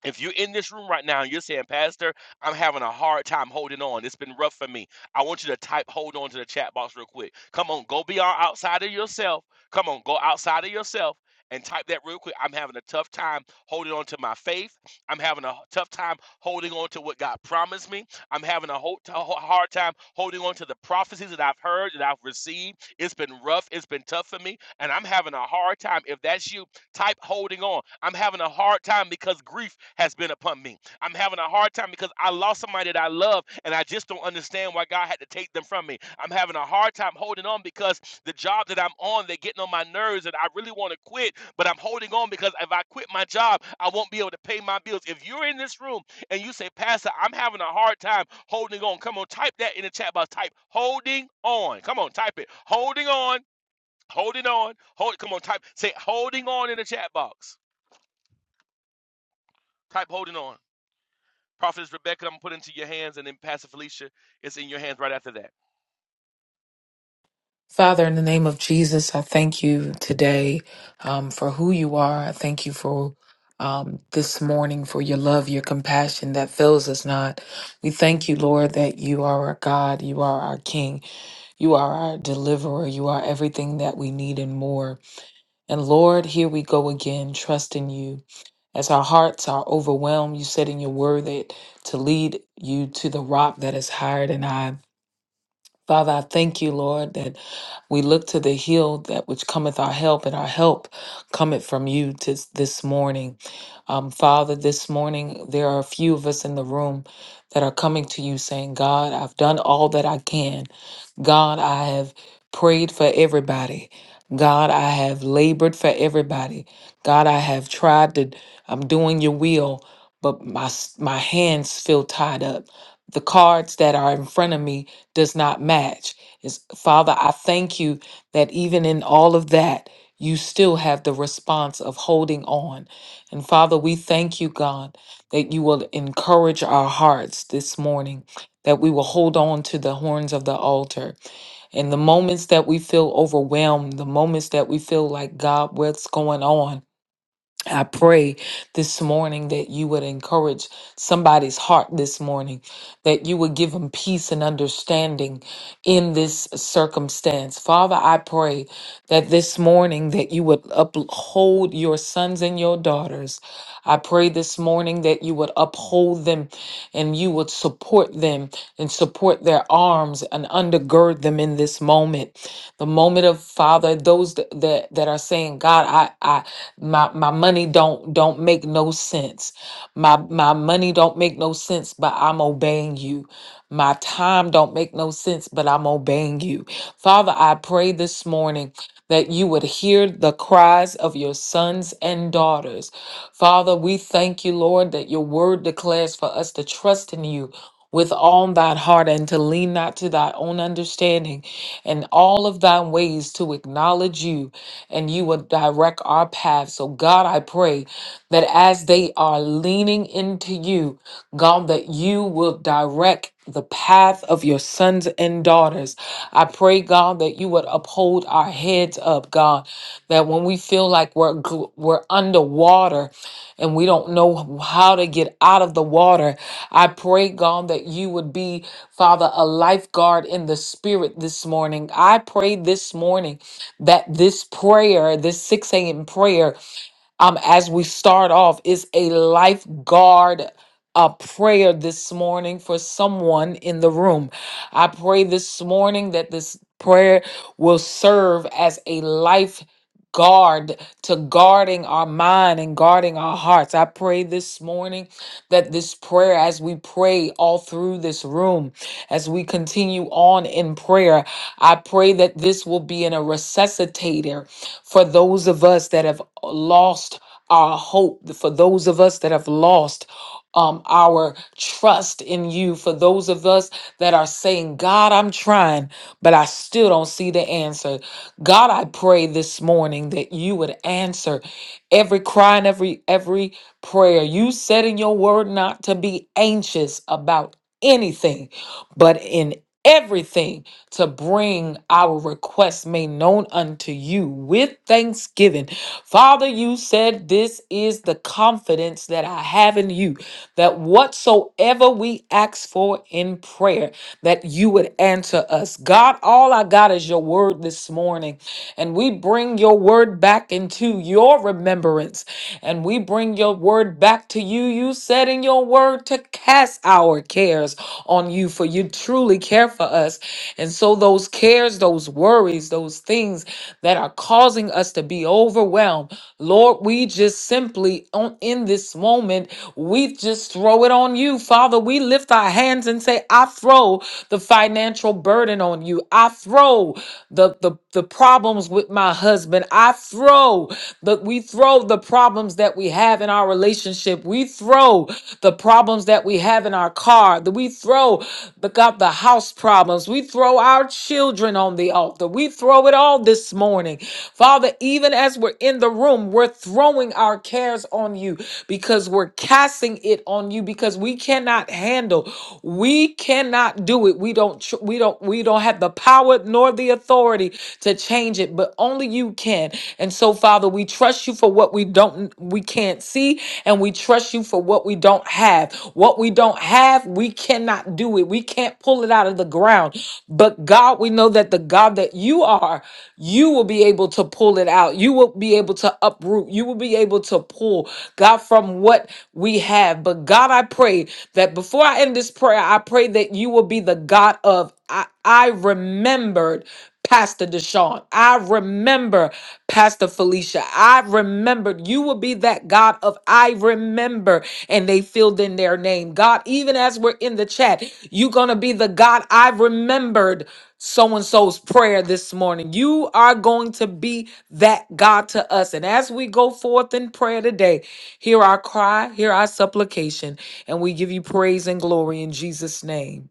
[SPEAKER 3] If you're in this room right now and you're saying, Pastor, I'm having a hard time holding on. It's been rough for me. I want you to type hold on to the chat box real quick. Come on, go beyond outside of yourself. Come on, go outside of yourself and type that real quick. I'm having a tough time holding on to my faith. I'm having a tough time holding on to what God promised me. I'm having a whole t- a hard time holding on to the prophecies that I've heard, that I've received. It's been rough. It's been tough for me. And I'm having a hard time. If that's you, Type holding on. I'm having a hard time because grief has been upon me. I'm having a hard time because I lost somebody that I love and I just don't understand why God had to take them from me. I'm having a hard time holding on because the job that I'm on, they're getting on my nerves and I really want to quit, but I'm holding on because if I quit my job, I won't be able to pay my bills. If you're in this room and you say, Pastor, I'm having a hard time holding on, come on, type that in the chat box. Type holding on. Come on, type it. Holding on. Holding on. Hold. Come on. Type. Say holding on in the chat box. Type holding on. Prophetess Rebecca, I'm gonna put into your hands, and then Pastor Felicia is in your hands right after that.
[SPEAKER 4] Father, in the name of Jesus, I thank you today um, for who you are. I thank you for um, this morning, for your love, your compassion that fails us not. We thank you, Lord, that you are our God, you are our King, you are our deliverer, you are everything that we need and more. And Lord, here we go again, trusting you. As our hearts are overwhelmed, you said in your word that to lead you to the rock that is higher than I. Father, I thank you, Lord, that we look to the hill that which cometh our help, and our help cometh from you tis this morning. Um, Father, this morning there are a few of us in the room that are coming to you saying, God, I've done all that I can. God, I have prayed for everybody. God, I have labored for everybody. God, I have tried to, I'm doing your will, but my, s- my hands feel tied up. The cards that are in front of me does not match. Is Father, I thank you that even in all of that, you still have the response of holding on. And Father, we thank you, God, that you will encourage our hearts this morning, that we will hold on to the horns of the altar and the moments that we feel overwhelmed, the moments that we feel like, God, what's going on? I pray this morning that you would encourage somebody's heart this morning, that you would give them peace and understanding in this circumstance. Father, I pray that this morning that you would uphold your sons and your daughters. I pray this morning that you would uphold them and you would support them and support their arms and undergird them in this moment. The moment of Father, those that that, that are saying, God, I I my my money don't don't make no sense my my money don't make no sense but i'm obeying you my time don't make no sense but i'm obeying you father i pray this morning that you would hear the cries of your sons and daughters. Father, we thank you, Lord, that your word declares for us to trust in you with all thine heart and to lean not to thy own understanding and all of thy ways to acknowledge you and you will direct our path. So God, I pray that as they are leaning into you, God, that you will direct the path of your sons and daughters. I pray, God, that you would uphold our heads up, God, that when we feel like we're, gl- we're underwater and we don't know how to get out of the water, I pray, God, that you would be, Father, a lifeguard in the spirit this morning. I pray this morning that this prayer, this 6 a.m. prayer, um, as we start off is a lifeguard a prayer this morning for someone in the room. I pray this morning that this prayer will serve as a life guard to guarding our mind and guarding our hearts. I pray this morning that this prayer, as we pray all through this room, as we continue on in prayer, I pray that this will be in a resuscitator for those of us that have lost our hope, for those of us that have lost um, our trust in you, for those of us that are saying, God, I'm trying, but I still don't see the answer. God, I pray this morning that you would answer every cry and every every prayer. You said in your word not to be anxious about anything, but in everything to bring our requests made known unto you with thanksgiving. Father, you said this is the confidence that I have in you that whatsoever we ask for in prayer, that you would answer us. God, all I got is your word this morning. And we bring your word back into your remembrance. And we bring your word back to you. You said in your word to cast our cares on you, for you truly care for us. And so those cares, those worries, those things that are causing us to be overwhelmed, Lord, we just simply on in this moment we just throw it on you, Father. We lift our hands and say, I throw the financial burden on you. I throw the, the, the problems with my husband. I throw the we throw the problems that we have in our relationship. We throw the problems that we have in our car. that We throw the God the house problems. We throw our children on the altar. We throw it all this morning. Father, even as we're in the room, we're throwing our cares on you because we're casting it on you because we cannot handle. We cannot do it. We don't tr- we don't we don't have the power nor the authority to change it, but only you can. And so Father, we trust you for what we don't we can't see and we trust you for what we don't have. What we don't have, we cannot do it. We can't pull it out of the ground. But God, we know that the God that you are, you will be able to pull it out. You will be able to uproot. You will be able to pull God from what we have. But God, I pray that before I end this prayer, I pray that you will be the God of I, I remembered Pastor Deshaun. I remember Pastor Felicia. I remembered you will be that God of I remember. And they filled in their name. God, even as we're in the chat, you're going to be the God I remembered so and so's prayer this morning. You are going to be that God to us. And as we go forth in prayer today, Hear our cry, hear our supplication, and we give you praise and glory in Jesus' name.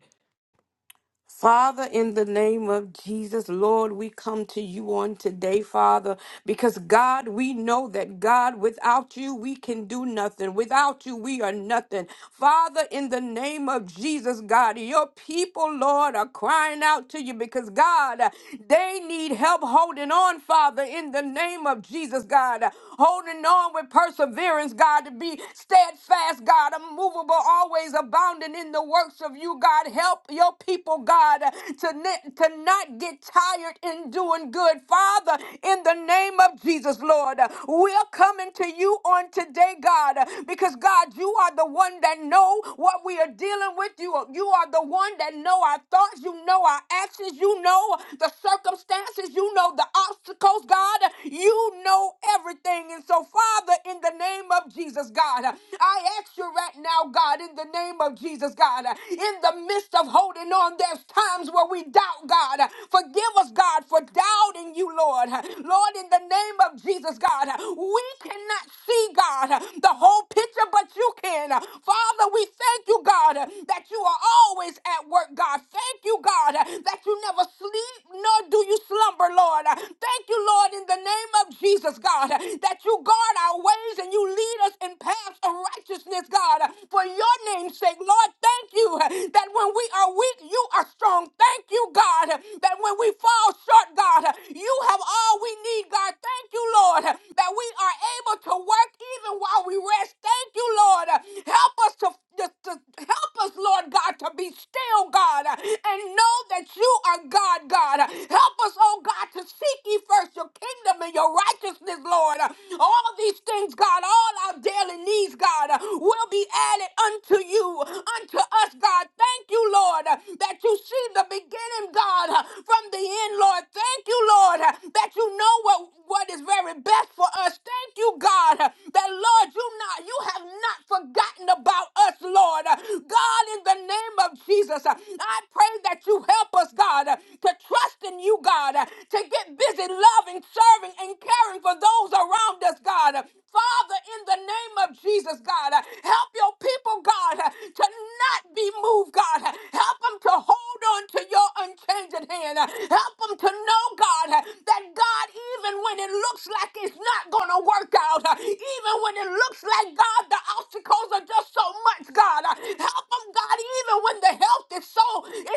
[SPEAKER 2] Father, in the name of Jesus, Lord, we come to you on today, Father, because God, we know that God, without you, we can do nothing. Without you, we are nothing. Father, in the name of Jesus, God, your people, Lord, are crying out to you because God, they need help holding on, Father, in the name of Jesus, God, holding on with perseverance, God, to be steadfast, God, unmovable, always abounding in the works of you, God. Help your people, God, to, ne- to not get tired in doing good. Father, in the name of Jesus, Lord, we're coming to you on today, God, because God, you are the one that know what we are dealing with. You you are the one that know our thoughts. You know our actions. You know the circumstances. You know the obstacles, God. You know everything. And so, Father, in the name of Jesus, God, I ask you right now, God, in the name of Jesus, God, in the midst of holding on there there's times where we doubt God. Forgive us, God, for doubting you, Lord. Lord, in the name of Jesus, God, we cannot see, God, the whole picture, but you can. Father, we thank you, God, that you are always at work, God. Thank you, God, that you never sleep, nor do you slumber, Lord. Thank you, Lord, in the name of Jesus, God, that you guard our ways and you lead us in paths of righteousness, God, for your name's sake, Lord. thank you that when we are weak, you you are strong. Thank you, God, that when we fall short, God, you have all we need, God. Thank you, Lord, that we are able to work even while we rest. Thank you, Lord. Help us to, to, to help us, Lord God, to be still, God, and know that you are God, God. Help us, oh God, to seek ye first your kingdom and your righteousness, Lord. All these things, God, all our daily needs, God, will be added unto you, unto us, God. Thank you, Lord, that that you see the beginning, God, uh, from the end, Lord. Thank you, Lord, uh, that you know what, what is very best for us. Thank you, God, uh, that Lord, you not you have not forgotten about us, Lord. Uh, God, in the name of Jesus, uh, I pray that you help us, God, uh, to trust in you, God, uh, to get busy loving, serving, and caring for those around us, God. Uh, Father, in the name of Jesus, God, uh, help your people, God, uh, to not be moved, God. Help them to to hold on to your unchanging hand. Help them to know, God, that God, even when it looks like it's not going to work out, even when it looks like, God, the obstacles are just so much, God, help them, God, even when the health is so,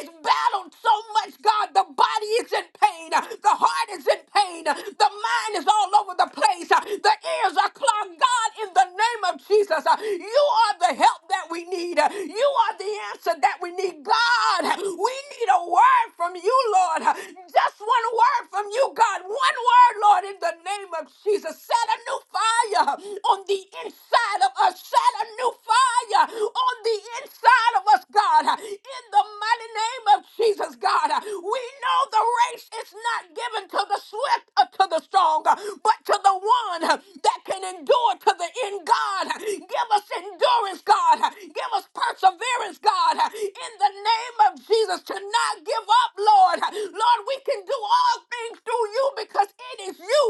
[SPEAKER 2] is battled so much, God, the body is in pain, the heart is in pain, the mind is all over the place, the ears are clogged. God, in the name of Jesus, you are the help that we need. You are the answer that we need, God. God. We need a word from you, Lord. Just one word from you, God. One word, Lord, in the name of Jesus. Set a new fire on the inside of us. Set a new fire on the inside of us, God. In the mighty name of Jesus, God. We know the race is not given to the swift or to the strong, but to the one that can endure to the end, God. Give us endurance, God. Give us perseverance, God, in the name of Jesus, to not give up, Lord. Lord, we can do all things through you because it is you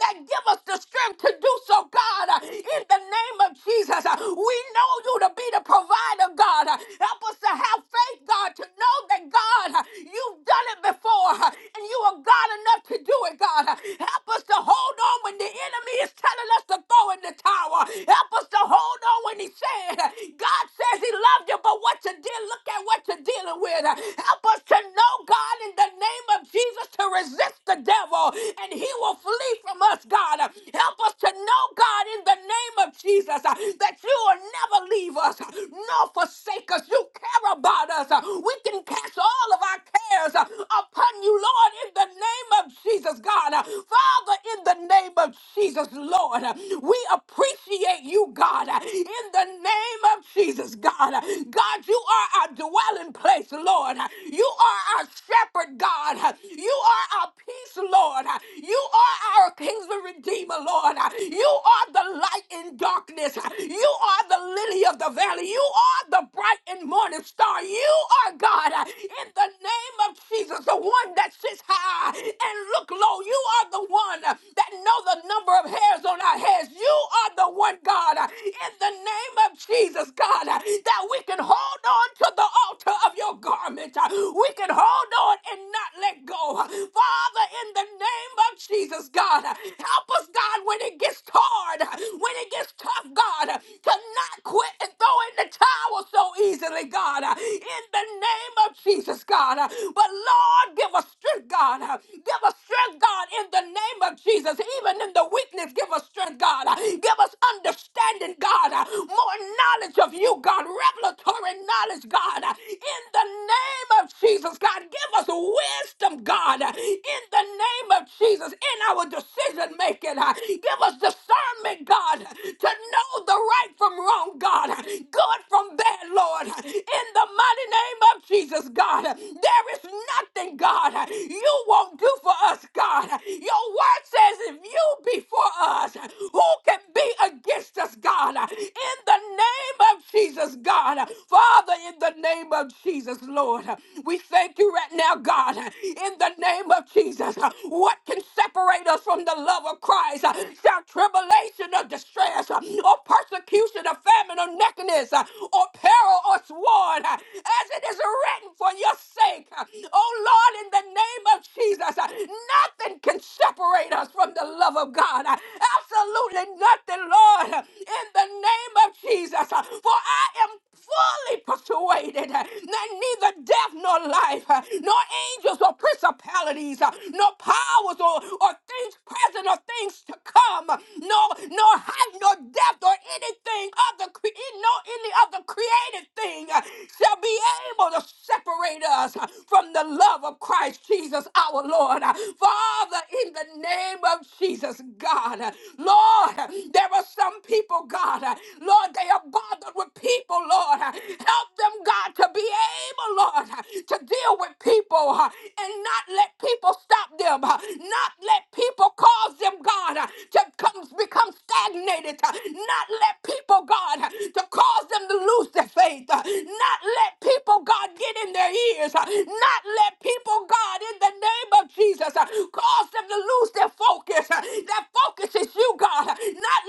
[SPEAKER 2] that give us the strength to do so, God, in the name of Jesus. We know you to be the provider, God. Help us to have faith, God, to know that, God. You've done it before, and you are God enough to do it, God. Help us to hold on when the enemy is telling us to throw in the tower. Help us to hold on when he said, God says he loved you, but what you did, look at what you're dealing with. Help us to know, God, in the name of Jesus, to resist the devil, and he will flee from us, God. Help us to know, God, in the name of Jesus, that you will never leave us nor forsake us. You care about us. We we can cast all of our cares uh, upon you, Lord, in the name of Jesus, God. Uh, Father, in the name of Jesus, Lord, uh, we appreciate you, God, uh, in the name of Jesus, God. Uh, God, you are our dwelling place, Lord. Uh, You are our shepherd, God. Uh, You are our peace, Lord. Uh, You are our kings redeemer, Lord. Uh, You are the light in darkness. Uh, You are the lily of the valley. You are the bright and morning star star. You are God uh, in the name of Jesus, the one that sits high and look low. You are the one uh, that know the number of hairs on our heads. You are the one, God, uh, in the name of Jesus, God, uh, that we can hold on to the altar of your garment. uh, We can hold on and not let go. Uh, Father, in the name of Jesus, God, uh, help us, God, when it gets hard, uh, when it gets tough, God, uh, to not quit and throw in the towel, so so easily, God, uh, in the name of Jesus, God. uh, But Lord, give us strength, God. uh, Give us strength, God, in the name of Jesus. Even in the weakness, give us strength, God. uh, Give us understanding, God. uh, More knowledge of you, God. Revelatory knowledge, God. uh, In the name of Jesus, God. Give us wisdom, God. uh, In the name of Jesus, in our decision making. uh, Give us discernment, God, to know the right from wrong, God. Give good from bad, Lord. In the mighty name of Jesus, God, there is nothing, God, you won't do for us, God. Your word says, if you be for us, who can be against us, God? In the name of Jesus, God. Father, in the name of Jesus, Lord, we thank you right now, God. In the name of Jesus, what can separate? separate us from the love of Christ. Uh, Shall tribulation or distress uh, or persecution or famine or nakedness uh, or peril or sword, uh, as it is written for your sake. Uh, Oh Lord, in the name of Jesus, uh, nothing can separate us from the love of God. Uh, Absolutely nothing, Lord, uh, in the name of Jesus. Uh, For I am fully persuaded uh, that neither death nor life, uh, nor angels or principalities, uh, nor powers or, or things present or things to come, uh, nor nor height nor depth or anything other cre- no any other created thing uh, shall be able to separate us uh, from the love of Christ Jesus our Lord. Uh, Father, in the name of Jesus, God, uh, Lord, uh, there are some people, God. God. Lord, they are bothered with people, Lord. Help them, God, to be able, Lord, to deal with people uh, and not let people stop them, uh, not let people cause them, God, uh, to come, become stagnated, uh, not let people, God, uh, to cause them to lose their faith, uh, not let people, God, get in their ears, uh, not let people, God, in the name of Jesus, uh, cause them to lose their focus, uh, their focus focus is you, God. Not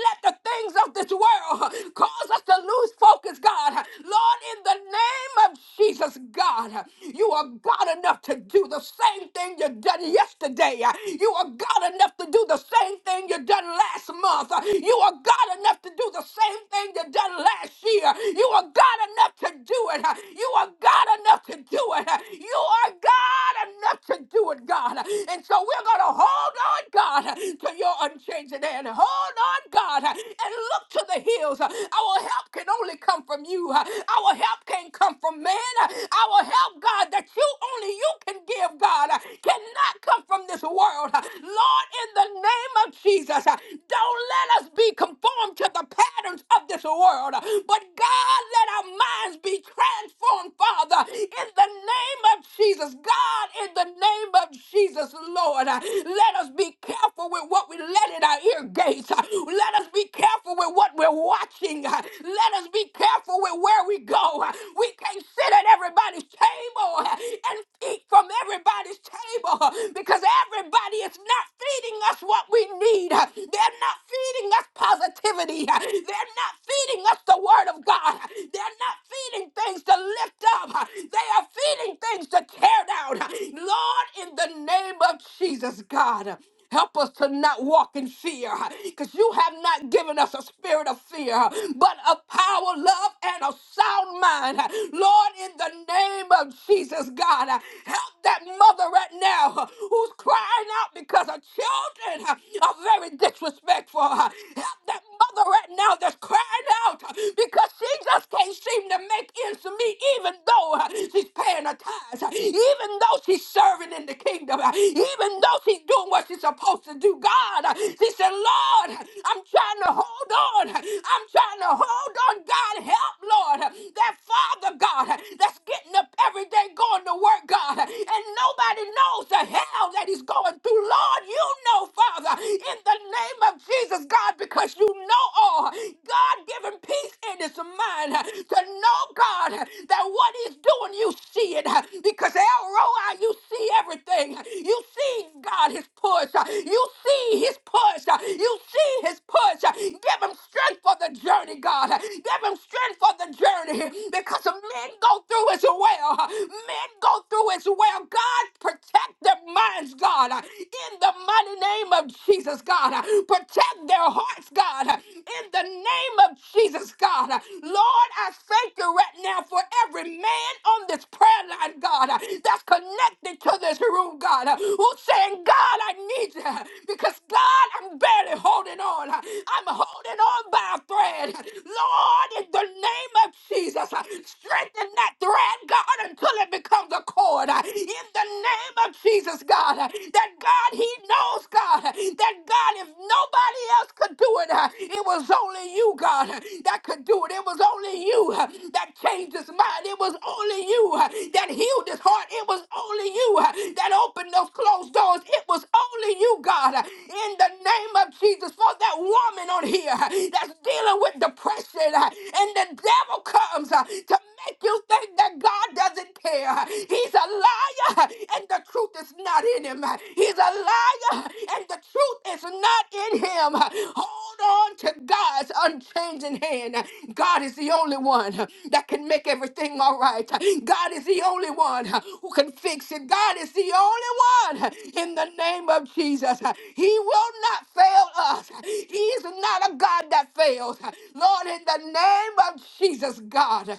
[SPEAKER 2] let the things of this world cause us to lose focus, God. Lord, in the name of Jesus, God, you are God enough to do the same thing you done yesterday. You are God enough to do the same thing you done last month. You are God enough to do the same thing you done last year. You are God enough to do it. You are God enough to do it. You are God enough to do it, God. And so we're you're going to hold on, God, to your unchanging hand. Hold on, God, and look to the hills. Our help can only come from you. Our help can't come from man. Our help, God, that you only you can give, God, cannot come from this world. Lord, in the name of Jesus, don't let us be conformed to the patterns of this world. But God, let our minds be transformed, Father, in the name of Jesus. God, in the name of Jesus, Lord, let us be careful with what we let in our ear gates. Let us be careful with what we're watching. Let us be careful with where we go. We can't sit at everybody's table and eat from everybody's table because everybody is not feeding us what we need. They're not feeding us positivity. They're not feeding us the word of God. They're not feeding things to lift up. They are feeding things to tear down. Lord, in the name of Jesus, God. Help us to not walk in fear because you have not given us a spirit of fear, but of power, love, and a sound mind. Lord, in the name of Jesus, God, help that mother right now who's crying out because her children are very disrespectful. Help that mother right now that's crying out because she just can't seem to make ends meet, even though uh, she's paying her tithes, even though she's serving in the kingdom, even though she's doing what she's supposed to do. God, she said, Lord, I'm trying to hold on. I'm trying to hold on. God, help, Lord, that Father God that's getting up every day going to work, God, and nobody knows the hell that he's going through you, Lord. You know, Father, in the name of Jesus, God, because you know all. God, giving peace in his mind to know, God, that what he's doing, you see it. Because El Roi, you see everything. You see, God, his push. You see his push. You see his push. Give him strength for the journey, God. Give him strength for the journey. Because men go through as well. Men go through as well. God, protect Protect their minds, God, uh, in the mighty name of Jesus, God. uh, Protect their hearts, God, uh, in the name of Jesus, God. uh, Lord, I thank you right now for every man on this prayer line, God, uh, that's connected to this room, God, uh, who's saying, God, I need you uh, because, God, I'm barely holding on. uh, I'm holding on by a thread. Lord, in the name of Jesus, uh, strengthen that thread, God, until it becomes a cord. Lord, uh, in the name of Jesus, God, uh, that God, He knows, God, uh, that God, if nobody else could do it, uh, it was only you, God, uh, that could do it. It was only you uh, that changed his mind. It was only you uh, that healed his heart. It was only you uh, that opened those closed doors. It was only you, God, in the name of Jesus, for that woman on here that's dealing with depression, and the devil comes uh, to make you think that God doesn't care. He's a liar, and the truth is not in him. He's a liar, and the truth is not in him. Hold on to God's unchanging hand. God is the only one that can make everything all right. God is the only one who can fix it. God is the only one in the name of Jesus. He will not fail us. He is not a God that fails. Lord, in the name of Jesus, God.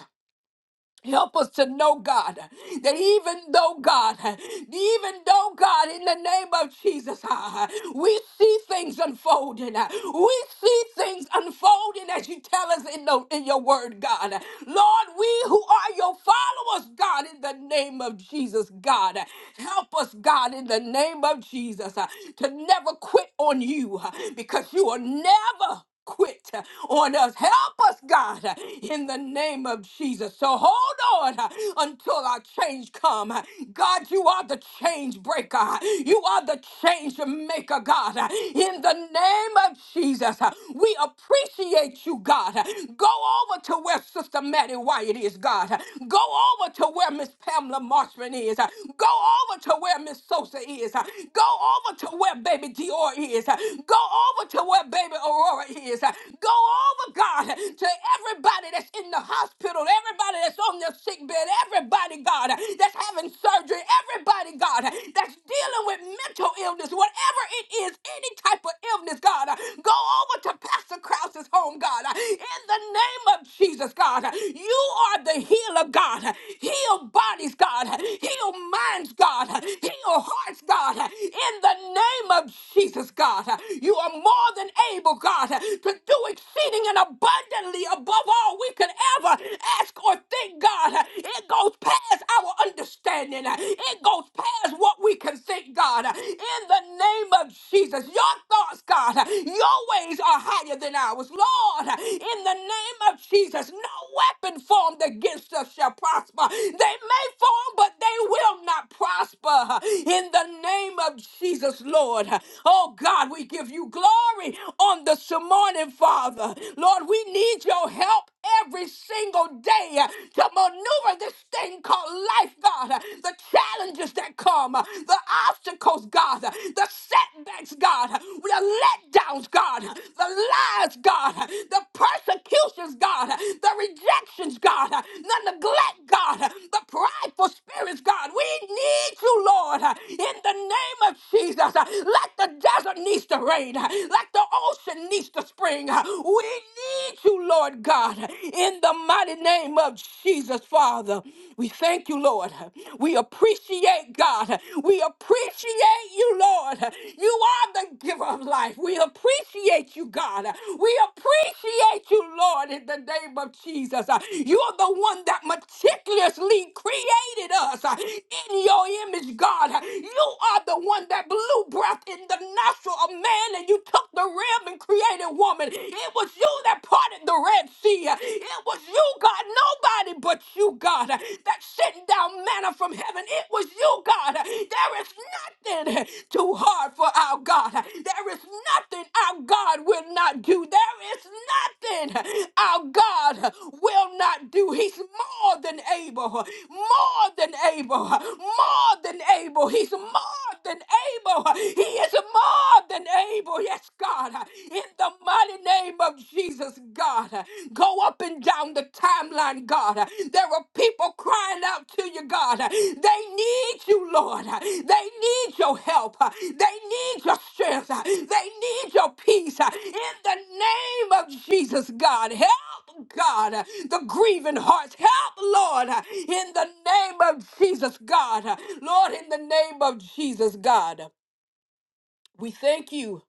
[SPEAKER 2] Help us to know, God, that even though, God, even though, God, in the name of Jesus, ah, we see things unfolding. ah, We see things unfolding as you tell us in, the, in your word, God. Lord, we who are your followers, God, in the name of Jesus, God, help us, God, in the name of Jesus, ah, to never quit on you ah, because you are never quit on us. Help us, God, in the name of Jesus. So hold on until our change come. God, you are the change breaker. You are the change maker, God. In the name of Jesus, we appreciate you, God. Go over to where Sister Maddie Wyatt is, God. Go over to where Miss Pamela Marshman is. Go over to where Miss Sosa is. Go over to where baby Dior is. Go over to where baby Aurora is. Go over, God, to everybody that's in the hospital, everybody that's on their sick bed, everybody, God, that's having surgery, everybody, God, that's dealing with mental illness, whatever it is, any type of illness, God. Go over to Pastor Krause's home, God. In the name of Jesus, God, you are the healer, God. Heal bodies, God. Heal minds, God. Heal hearts, God. God, in the name of Jesus, God. You are more than able, God, to do exceeding and abundantly above all we could ever ask or think, God. It goes past our understanding, it goes past what we can think, God. In the name of Jesus, your thoughts, God, your ways are higher than ours. Lord, in the name of Jesus, no weapon formed against us shall shall prosper. They may fall, but they will not prosper. In the name of Jesus, Lord. Oh God, we give you glory on this morning, Father. Lord, we need your help every single day uh, to maneuver this thing called life, God. uh, The challenges that come, uh, the obstacles, God, uh, the setbacks, God, uh, the letdowns, God, uh, the lies, hardships, God, the persecutions, God, the rejections, God, the neglect, God, the prideful spirits, God. We need you, Lord, in the name of Jesus. Let the desert needs to rain, let the ocean needs to spring. We need you, Lord God, in the mighty name of Jesus, Father. We thank you, Lord. We appreciate God. We appreciate thank you, Lord. You are the giver of life. We appreciate you, God. We appreciate you, Lord, in the name of Jesus. You are the one that meticulously created us in your image, God. You are the one that blew breath in the nostril of man and you took the rib and created woman. It was you that parted the Red Sea. It was you, God. Nobody but you, God. God, that sent down manna from heaven. It was you, God. There is nothing too hard for our God. There is nothing our God will not do. There is nothing our God will not do. He's more than able, more than able, more than able. He's more than able. He is more than able. Yes, God. In the mighty name of Jesus, God. Go up and down the timeline, God. There are people crying out to you, God. They need you, Lord. They need your help. They need your strength. They need your peace. In the name of Jesus, God, help, God, the grieving hearts. Help, Lord, in the name of Jesus, God. Lord, in the name of Jesus, God, we thank you.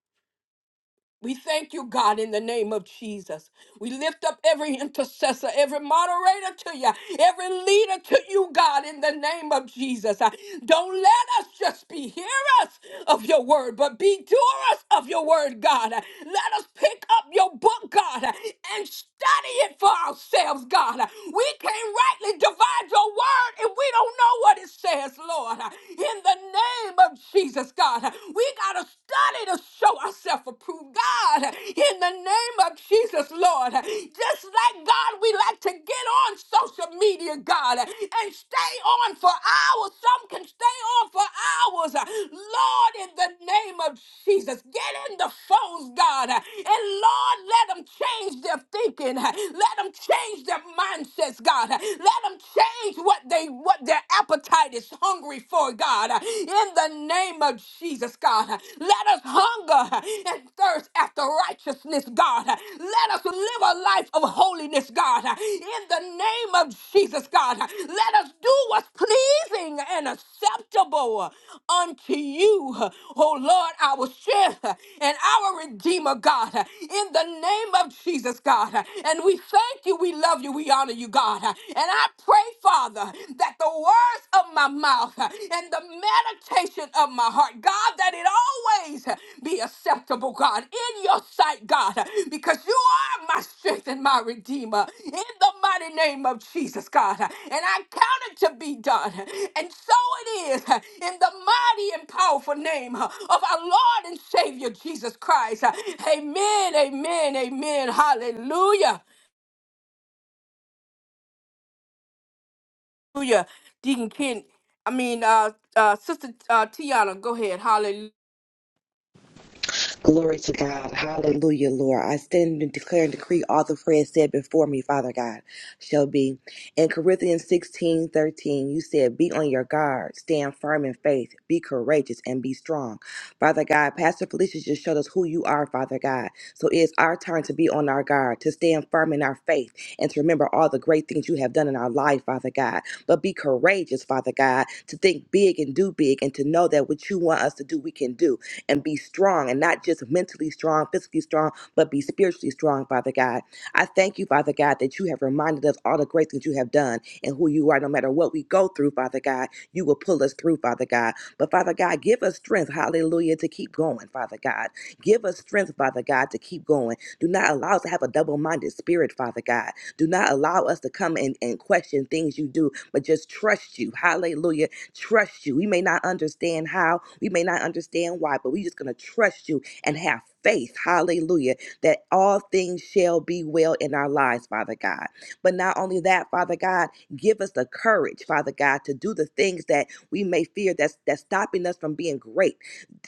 [SPEAKER 2] We thank you, God, in the name of Jesus. We lift up every intercessor, every moderator to you, every leader to you, God, in the name of Jesus. Uh, Don't let us just be hearers of your word, but be doers of your word, God. Uh, Let us pick up your book, God, uh, and study it for ourselves, God. Uh, We can't rightly divide your word if we don't know what it says, Lord. Uh, In the name of Jesus, God, Uh, we got to study to show ourselves approved. God, in the name of Jesus, Lord, just like God, we like to get on social media, God, and stay on for hours. Some can stay on for hours. Lord, in the name of Jesus, get in the phones, God, and Lord, let them change their thinking. Let them change their mindsets, God. Let them change what they what their appetite is hungry for, God. In the name of Jesus, God, let us hunger and thirst after righteousness, God. Let us live a life of holiness, God. In the name of Jesus, God, let us do what's pleasing and acceptable unto you, oh Lord, our strength and our Redeemer, God. In the name of Jesus, God. And we thank you, we love you, we honor you, God. And I I pray, Father, that the words of my mouth uh, and the meditation of my heart, God, that it always uh, be acceptable, God, in your sight, God, uh, because you are my strength and my redeemer. In the mighty name of Jesus, God. uh, And I count it to be done. And so it is uh, in the mighty and powerful name uh, of our Lord and Savior Jesus Christ. Uh, Amen, amen, amen. Hallelujah. Hallelujah. Deacon Ken, I mean, uh, uh, Sister uh, Tiana, go ahead. Hallelujah.
[SPEAKER 5] Glory to God. Hallelujah, Lord. I stand and declare and decree all the prayers said before me, Father God, shall be. In Corinthians 16 13. you said, Be on your guard, stand firm in faith, be courageous, and be strong. Father God, Pastor Felicia just showed us who you are, Father God. So it's our turn to be on our guard, to stand firm in our faith, and to remember all the great things you have done in our life, Father God. But be courageous, Father God, to think big and do big, and to know that what you want us to do, we can do and be strong and not just mentally strong, physically strong, but be spiritually strong, Father God. I thank you, Father God, that you have reminded us all the great things you have done and who you are, no matter what we go through, Father God. You will pull us through, Father God. But Father God, give us strength, hallelujah, to keep going, Father God. Give us strength, Father God, to keep going. Do not allow us to have a double minded spirit, Father God. Do not allow us to come and, and question things you do, but just trust you, hallelujah, trust you. We may not understand how, we may not understand why, but we're just going to trust you and have faith, hallelujah, that all things shall be well in our lives, Father God. But not only that, Father God, give us the courage, Father God, to do the things that we may fear that's that's stopping us from being great.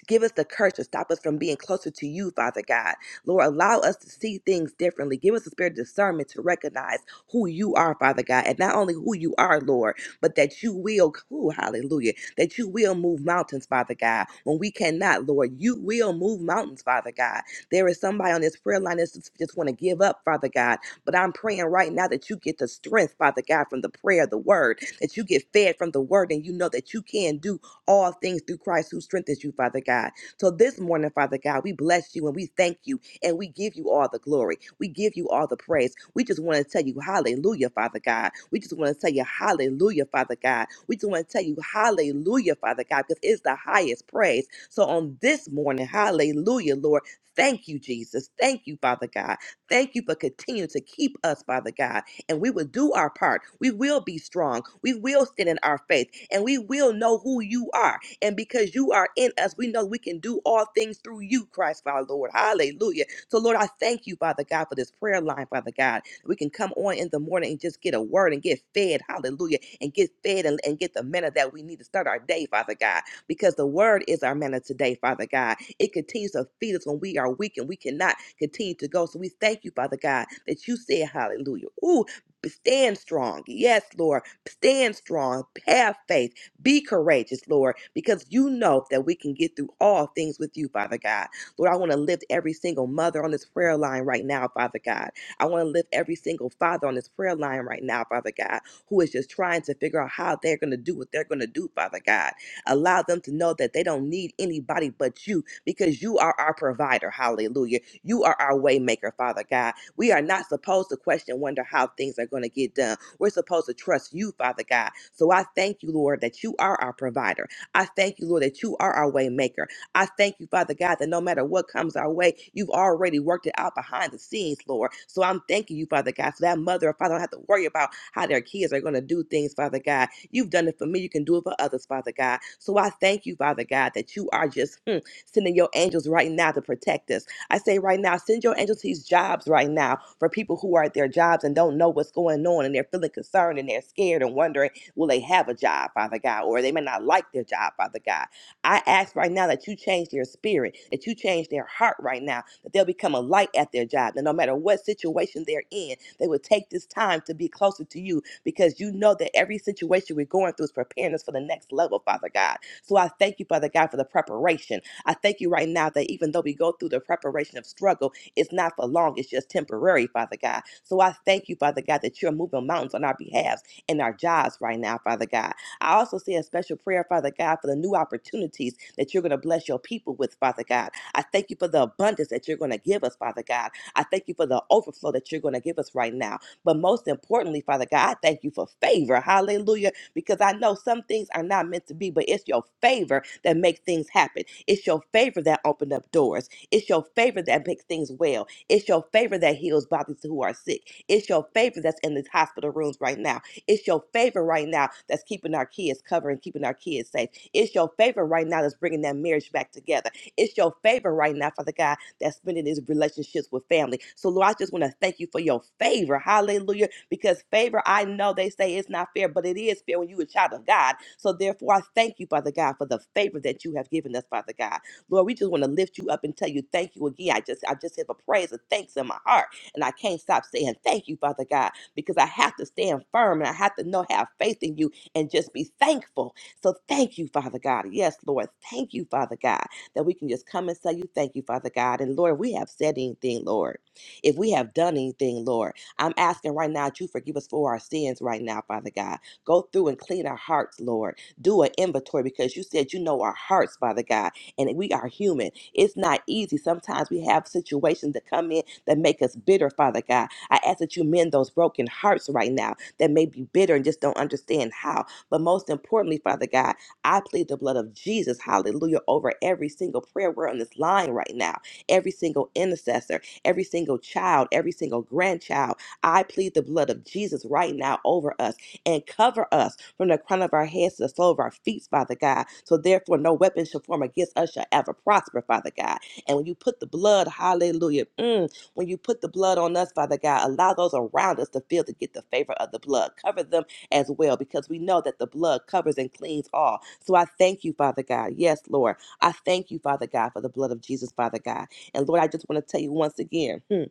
[SPEAKER 5] Give us the courage to stop us from being closer to you, Father God. Lord, allow us to see things differently. Give us the spirit of discernment to recognize who you are, Father God, and not only who you are, Lord, but that you will, ooh, hallelujah, that you will move mountains, Father God. When we cannot, Lord, you will move mountains, Father God. There is somebody on this prayer line that's just, just want to give up, Father God. But I'm praying right now that you get the strength, Father God, from the prayer, the word, that you get fed from the word, and you know that you can do all things through Christ who strengthens you, Father God. So this morning, Father God, we bless you and we thank you and we give you all the glory. We give you all the praise. We just want to tell you, Hallelujah, Father God. We just want to tell you, Hallelujah, Father God. We just want to tell you, Hallelujah, Father God, because it's the highest praise. So on this morning, Hallelujah, Lord. Thank you, Jesus. Thank you, Father God. Thank you for continuing to keep us, Father God. And we will do our part. We will be strong. We will stand in our faith. And we will know who you are. And because you are in us, we know we can do all things through you, Christ our Lord. Hallelujah. So, Lord, I thank you, Father God, for this prayer line, Father God. We can come on in the morning and just get a word and get fed. Hallelujah. And get fed and, and get the manna that we need to start our day, Father God, because the word is our manna today, Father God. It continues to feed us when we are weak and we cannot continue to go. So, we thank you, Father God, that you said, Hallelujah. Ooh, stand strong. Yes, Lord. Stand strong. Have faith. Be courageous, Lord, because you know that we can get through all things with you, Father God. Lord, I want to lift every single mother on this prayer line right now, Father God. I want to lift every single father on this prayer line right now, Father God, who is just trying to figure out how they're going to do what they're going to do, Father God. Allow them to know that they don't need anybody but you because you are our provider. Hallelujah. You are our way maker, Father God. We are not supposed to question, wonder how things are going to get done. We're supposed to trust you, Father God. So I thank you, Lord, that you are our provider. I thank you, Lord, that you are our waymaker. I thank you, Father God, that no matter what comes our way, you've already worked it out behind the scenes, Lord. So I'm thanking you, Father God, so that mother or father don't have to worry about how their kids are going to do things, Father God. You've done it for me. You can do it for others, Father God. So I thank you, Father God, that you are just hmm, sending your angels right now to protect us. I say right now, send your angels to these jobs right now for people who are at their jobs and don't know what's going on and they're feeling concerned and they're scared and wondering, will they have a job, Father God? Or they may not like their job, Father God. I ask right now that you change their spirit, that you change their heart right now, that they'll become a light at their job. That no matter what situation they're in, they will take this time to be closer to you because you know that every situation we're going through is preparing us for the next level, Father God. So I thank you, Father God, for the preparation. I thank you right now that even though we go through the preparation of struggle, it's not for long, it's just temporary, Father God. So I thank you, Father God, that you're moving mountains on our behalf and our jobs right now, Father God. I also say a special prayer, Father God, for the new opportunities that you're going to bless your people with, Father God. I thank you for the abundance that you're going to give us, Father God. I thank you for the overflow that you're going to give us right now. But most importantly, Father God, I thank you for favor. Hallelujah. Because I know some things are not meant to be, but it's your favor that makes things happen. It's your favor that opened up doors. It's your favor that makes things well. It's your favor that heals bodies who are sick. It's your favor that's in these hospital rooms right now. It's your favor right now that's keeping our kids covered and keeping our kids safe. It's your favor right now that's bringing that marriage back together. It's your favor right now, Father God, that's spending these relationships with family. So, Lord, I just want to thank you for your favor. Hallelujah. Because favor, I know they say it's not fair, but it is fair when you're a child of God. So, therefore, I thank you, Father God, for the favor that you have given us, Father God. Lord, we just want to lift you up and tell you thank you again. I just I just have a praise and thanks in my heart. And I can't stop saying thank you, Father God, because I have to stand firm and I have to know, have faith in you and just be thankful. So thank you, Father God. Yes, Lord. Thank you, Father God, that we can just come and say you thank you, Father God. And Lord, we have said anything, Lord. If we have done anything, Lord, I'm asking right now that you forgive us for our sins right now, Father God. Go through and clean our hearts, Lord. Do an inventory because you said you know our hearts, Father God and we are human. It's not easy. Sometimes we have situations that come in that make us bitter, Father God. I ask that you mend those broken hearts right now that may be bitter and just don't understand how. But most importantly, Father God, I plead the blood of Jesus, hallelujah, over every single prayer we're on this line right now, every single intercessor, every single child, every single grandchild. I plead the blood of Jesus right now over us and cover us from the crown of our heads to the sole of our feet, Father God. So therefore, no weapon shall form against us shall ever prosper, Father God. And when you put the blood, hallelujah, mm, when you put the blood on us, Father God, allow those around us to feel to get the favor of the blood. Cover them as well because we know that the blood covers and cleans all. So I thank you, Father God. Yes, Lord. I thank you, Father God, for the blood of Jesus, Father God. And Lord, I just want to tell you once again. hmm,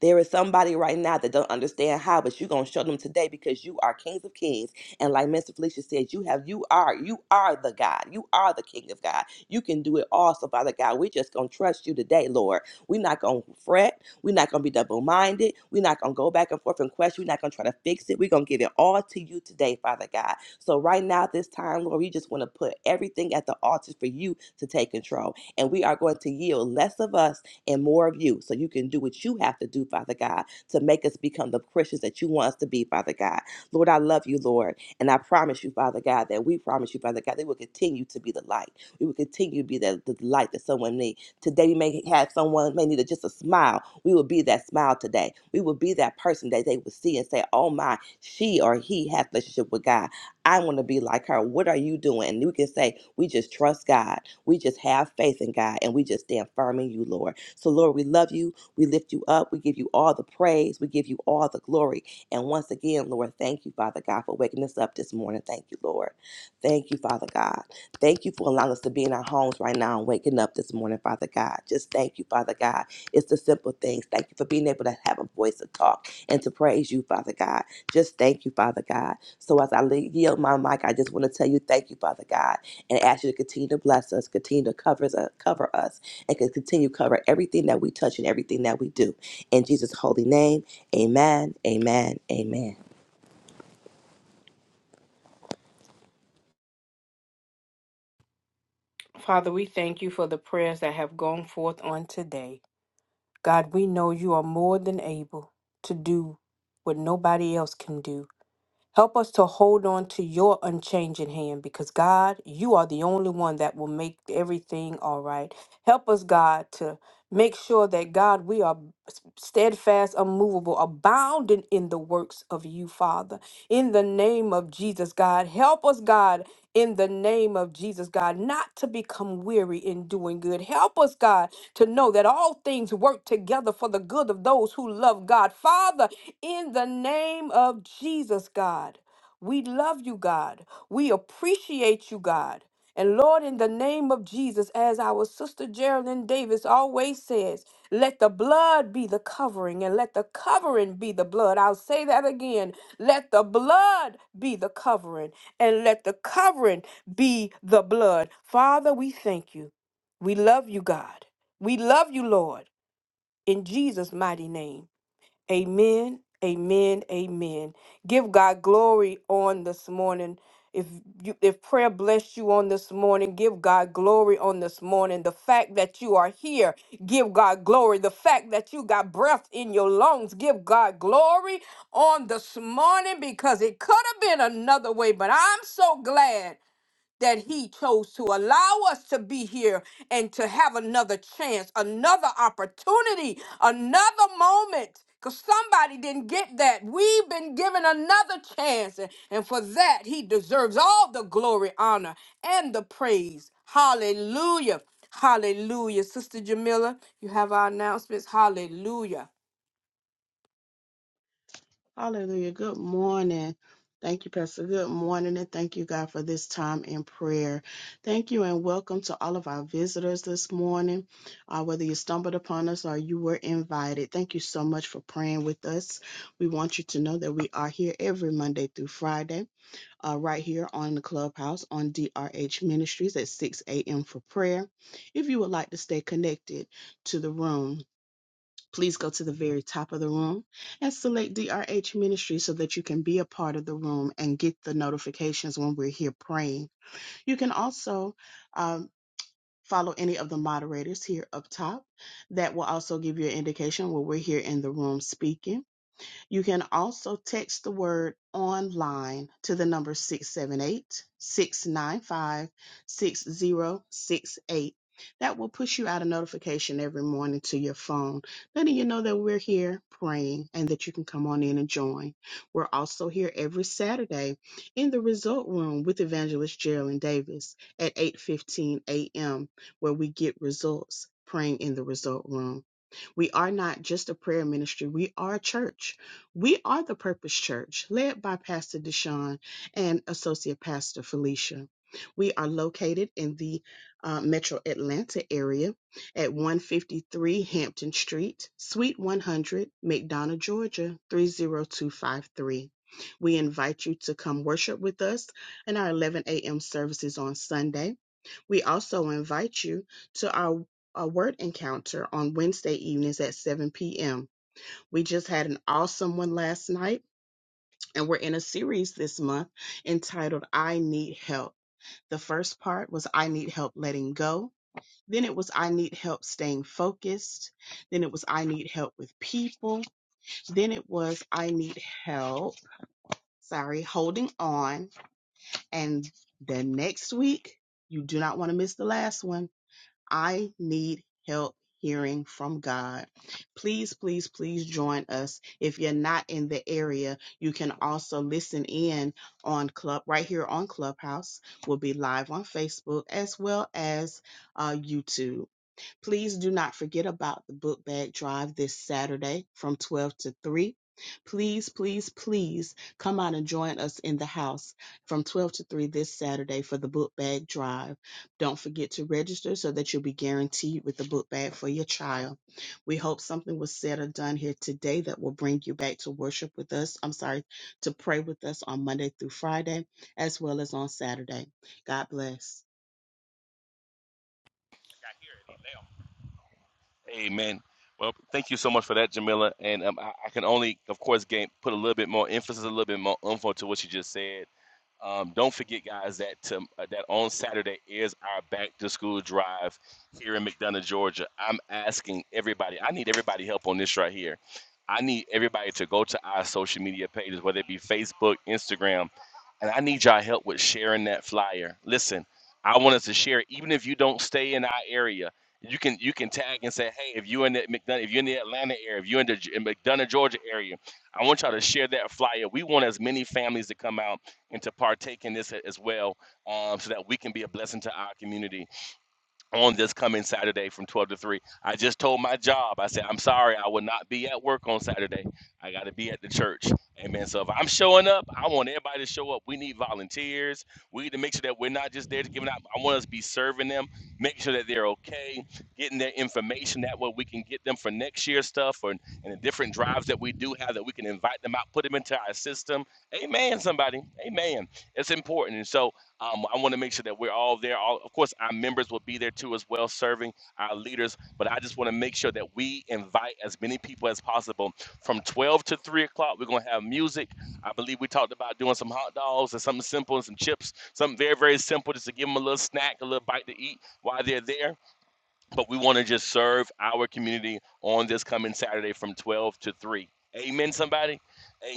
[SPEAKER 5] there is somebody right now that don't understand how, but you're gonna show them today because you are kings of kings. And like Mr. Felicia said, you have you are you are the God. You are the King of God. You can do it all. So Father God, we're just gonna trust you today, Lord. We're not gonna fret. We're not gonna be double-minded. We're not gonna go back and forth and question. We're not gonna try to fix it. We're gonna give it all to you today, Father God. So right now, this time, Lord, we just want to put everything at the altar for you to take control. And we are going to yield less of us and more of you so you can do what you have to do, Father God, to make us become the Christians that you want us to be, Father God. Lord, I love you, Lord. And I promise you, Father God, that we promise you, Father God, that we will continue to be the light. We will continue to be that the light that someone needs. Today we may have someone may need a- just a smile. We will be that smile today. We will be that person that they will see and say, Oh my, she or he has a relationship with God. I want to be like her. What are you doing? And we can say, We just trust God. We just have faith in God and we just stand firm in you, Lord. So, Lord, we love you. We lift you up. We give you all the praise. We give you all the glory. And once again, Lord, thank you, Father God, for waking us up this morning. Thank you, Lord. Thank you, Father God. Thank you for allowing us to be in our homes right now and waking up this morning, Father God. Just thank you, Father God. It's the simple things. Thank you for being able to have a voice to talk and to praise you, Father God. Just thank you, Father God. So as I le- yield my mic, I just want to tell you thank you, Father God, and ask you to continue to bless us, continue to cover us, cover us and can continue to cover everything that we touch and everything that we do. In Jesus' holy name, amen, amen, amen.
[SPEAKER 2] Father, we thank you for the prayers that have gone forth on today. God, we know you are more than able to do what nobody else can do. Help us to hold on to your unchanging hand because, God, you are the only one that will make everything all right. Help us, God, to make sure that, God, we are s- steadfast, unmovable, abounding in the works of you, Father. In the name of Jesus, God, help us, God, in the name of Jesus, God, not to become weary in doing good. Help us, God, to know that all things work together for the good of shield of those who love God. Father, in the name of Jesus, God, we love you, God. We appreciate you, God. And Lord, in the name of Jesus, as our sister Geraldine Davis always says, let the blood be the covering and let the covering be the blood. I'll say that again. Let the blood be the covering and let the covering be the blood. Father, we thank you. We love you, God. We love you, Lord in Jesus' mighty name. Amen. Amen. Amen. Give God glory on this morning. If you if prayer blessed you on this morning, give God glory on this morning. The fact that you are here, give God glory. The fact that you got breath in your lungs, give God glory on this morning because it could have been another way, but I'm so glad that he chose to allow us to be here and to have another chance, another opportunity, another moment. Because somebody didn't get that. We've been given another chance. And and for that, he deserves all the glory, honor, and the praise. Hallelujah. Hallelujah. Sister Jamila, you have our announcements. Hallelujah.
[SPEAKER 6] Hallelujah. Good morning. Thank you, Pastor. Good morning, and thank you, God, for this time in prayer. Thank you, and welcome to all of our visitors this morning. Uh, whether you stumbled upon us or you were invited, thank you so much for praying with us. We want you to know that we are here every Monday through Friday, uh, right here on the clubhouse on DRH Ministries at 6 a.m. for prayer. If you would like to stay connected to the room, please go to the very top of the room and select DRH Ministry so that you can be a part of the room and get the notifications when we're here praying. You can also um, follow any of the moderators here up top. That will also give you an indication when we're here in the room speaking. You can also text the word online to the number 678 695 6068. That will push you out a notification every morning to your phone, letting you know that we're here praying and that you can come on in and join. We're also here every Saturday in the result room with evangelist Geraldine Davis at 8:15 a.m. where we get results praying in the result room. We are not just a prayer ministry, we are a church. We are the Purpose Church, led by Pastor Deshaun and Associate Pastor Felicia. We are located in the uh, metro Atlanta area at 153 Hampton Street, Suite 100, McDonough, Georgia 30253. We invite you to come worship with us in our 11 a.m. services on Sunday we also invite you to our, our word encounter on Wednesday evenings at 7 p.m. We just had an awesome one last night, and we're in a series this month entitled I Need Help. The first part was I Need Help Letting Go. Then it was I Need Help Staying Focused. Then it was I Need Help with People. Then it was I Need Help, sorry, Holding On. And then next week, you do not want to miss the last one I need help hearing from God. Please, please, please join us. If you're not in the area, you can also listen in on Club right here on Clubhouse. We'll be live on Facebook as well as uh, YouTube. Please do not forget about the book bag drive this Saturday from 12 to 3. Please, please, please come out and join us in the house from 12 to 3 this Saturday for the book bag drive. Don't forget to register so that you'll be guaranteed with the book bag for your child. We hope something was said or done here today that will bring you back to worship with us. I'm sorry, to pray with us on Monday through Friday, as well as on Saturday. God bless.
[SPEAKER 3] Amen. Well, thank you so much for that, Jamila. And um, I, I can only, of course, gain, put a little bit more emphasis, a little bit more info to what you just said. Um, don't forget, guys, that to, uh, that on Saturday is our back to school drive here in McDonough, Georgia. I'm asking everybody. I need everybody help on this right here. I need everybody to go to our social media pages, whether it be Facebook, Instagram, and I need y'all help with sharing that flyer. Listen, I want us to share, it, even if you don't stay in our area. You can you can tag and say, hey, if you're in the McDonough, if you're in the Atlanta area, if you're in the G- in McDonough, Georgia area, I want y'all to share that flyer. We want as many families to come out and to partake in this as well um, so that we can be a blessing to our community on this coming Saturday from 12 to 3. I just told my job, I said, I'm sorry, I will not be at work on Saturday. I got to be at the church. Amen. So if I'm showing up, I want everybody to show up. We need volunteers. We need to make sure that we're not just there to give it out. I want us to be serving them, make sure that they're okay, getting their information. That way we can get them for next year's stuff or, and the different drives that we do have that we can invite them out, put them into our system. Amen, somebody. Amen. It's important. And so um, I want to make sure that we're all there. All, of course, our members will be there too as well, serving our leaders. But I just want to make sure that we invite as many people as possible. From 12 to 3 o'clock, we're going to have music. I believe we talked about doing some hot dogs and something simple and some chips, something very, very simple just to give them a little snack, a little bite to eat while they're there but we want to just serve our community on this coming Saturday from 12 to 3. Amen, somebody.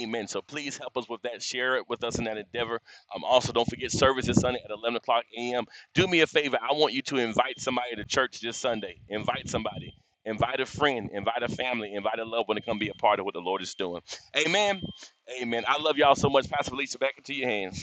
[SPEAKER 3] Amen. So please help us with that. Share it with us in that endeavor. Um, also, don't forget service this Sunday at 11 o'clock a.m. Do me a favor. I want you to invite somebody to church this Sunday. Invite somebody. Invite a friend. Invite a family. Invite a loved one to come be a part of what the Lord is doing. Amen. Amen. I love y'all so much. Pastor Felicia, back into your hands.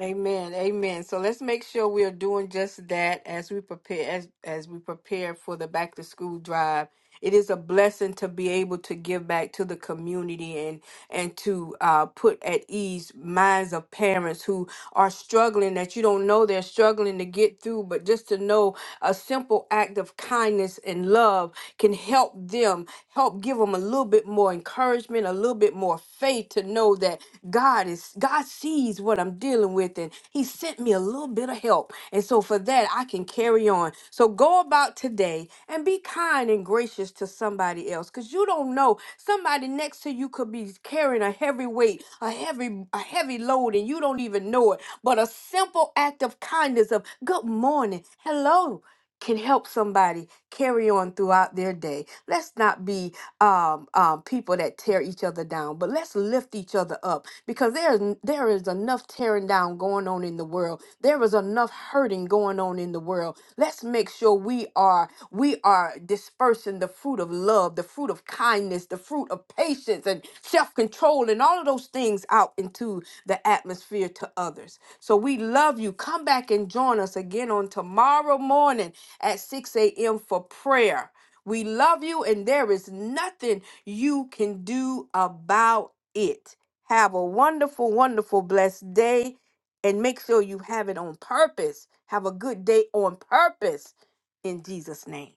[SPEAKER 2] Amen. Amen. So let's make sure we are doing just that as we prepare as as we prepare for the back to school drive. It is a blessing to be able to give back to the community and and to uh, put at ease minds of parents who are struggling that you don't know they're struggling to get through, but just to know a simple act of kindness and love can help them, help give them a little bit more encouragement, a little bit more faith to know that God God is God sees what I'm dealing with and he sent me a little bit of help. And so for that I can carry on. So go about today and be kind and gracious to somebody else cuz you don't know somebody next to you could be carrying a heavy weight, a heavy a heavy load and you don't even know it. But a simple act of kindness of good morning, hello can help somebody carry on throughout their day. Let's not be um, um, people that tear each other down, but let's lift each other up because there is there is enough tearing down going on in the world. There is enough hurting going on in the world. Let's make sure we are we are displaying dispersing the fruit of love, the fruit of kindness, the fruit of patience and self control, and all of those things out into the atmosphere to others. So we love you. Come back and join us again on tomorrow morning at 6 a.m. for prayer. We love you, and there is nothing you can do about it. Have a wonderful, wonderful, blessed day, and make sure you have it on purpose. Have a good day on purpose in Jesus' name.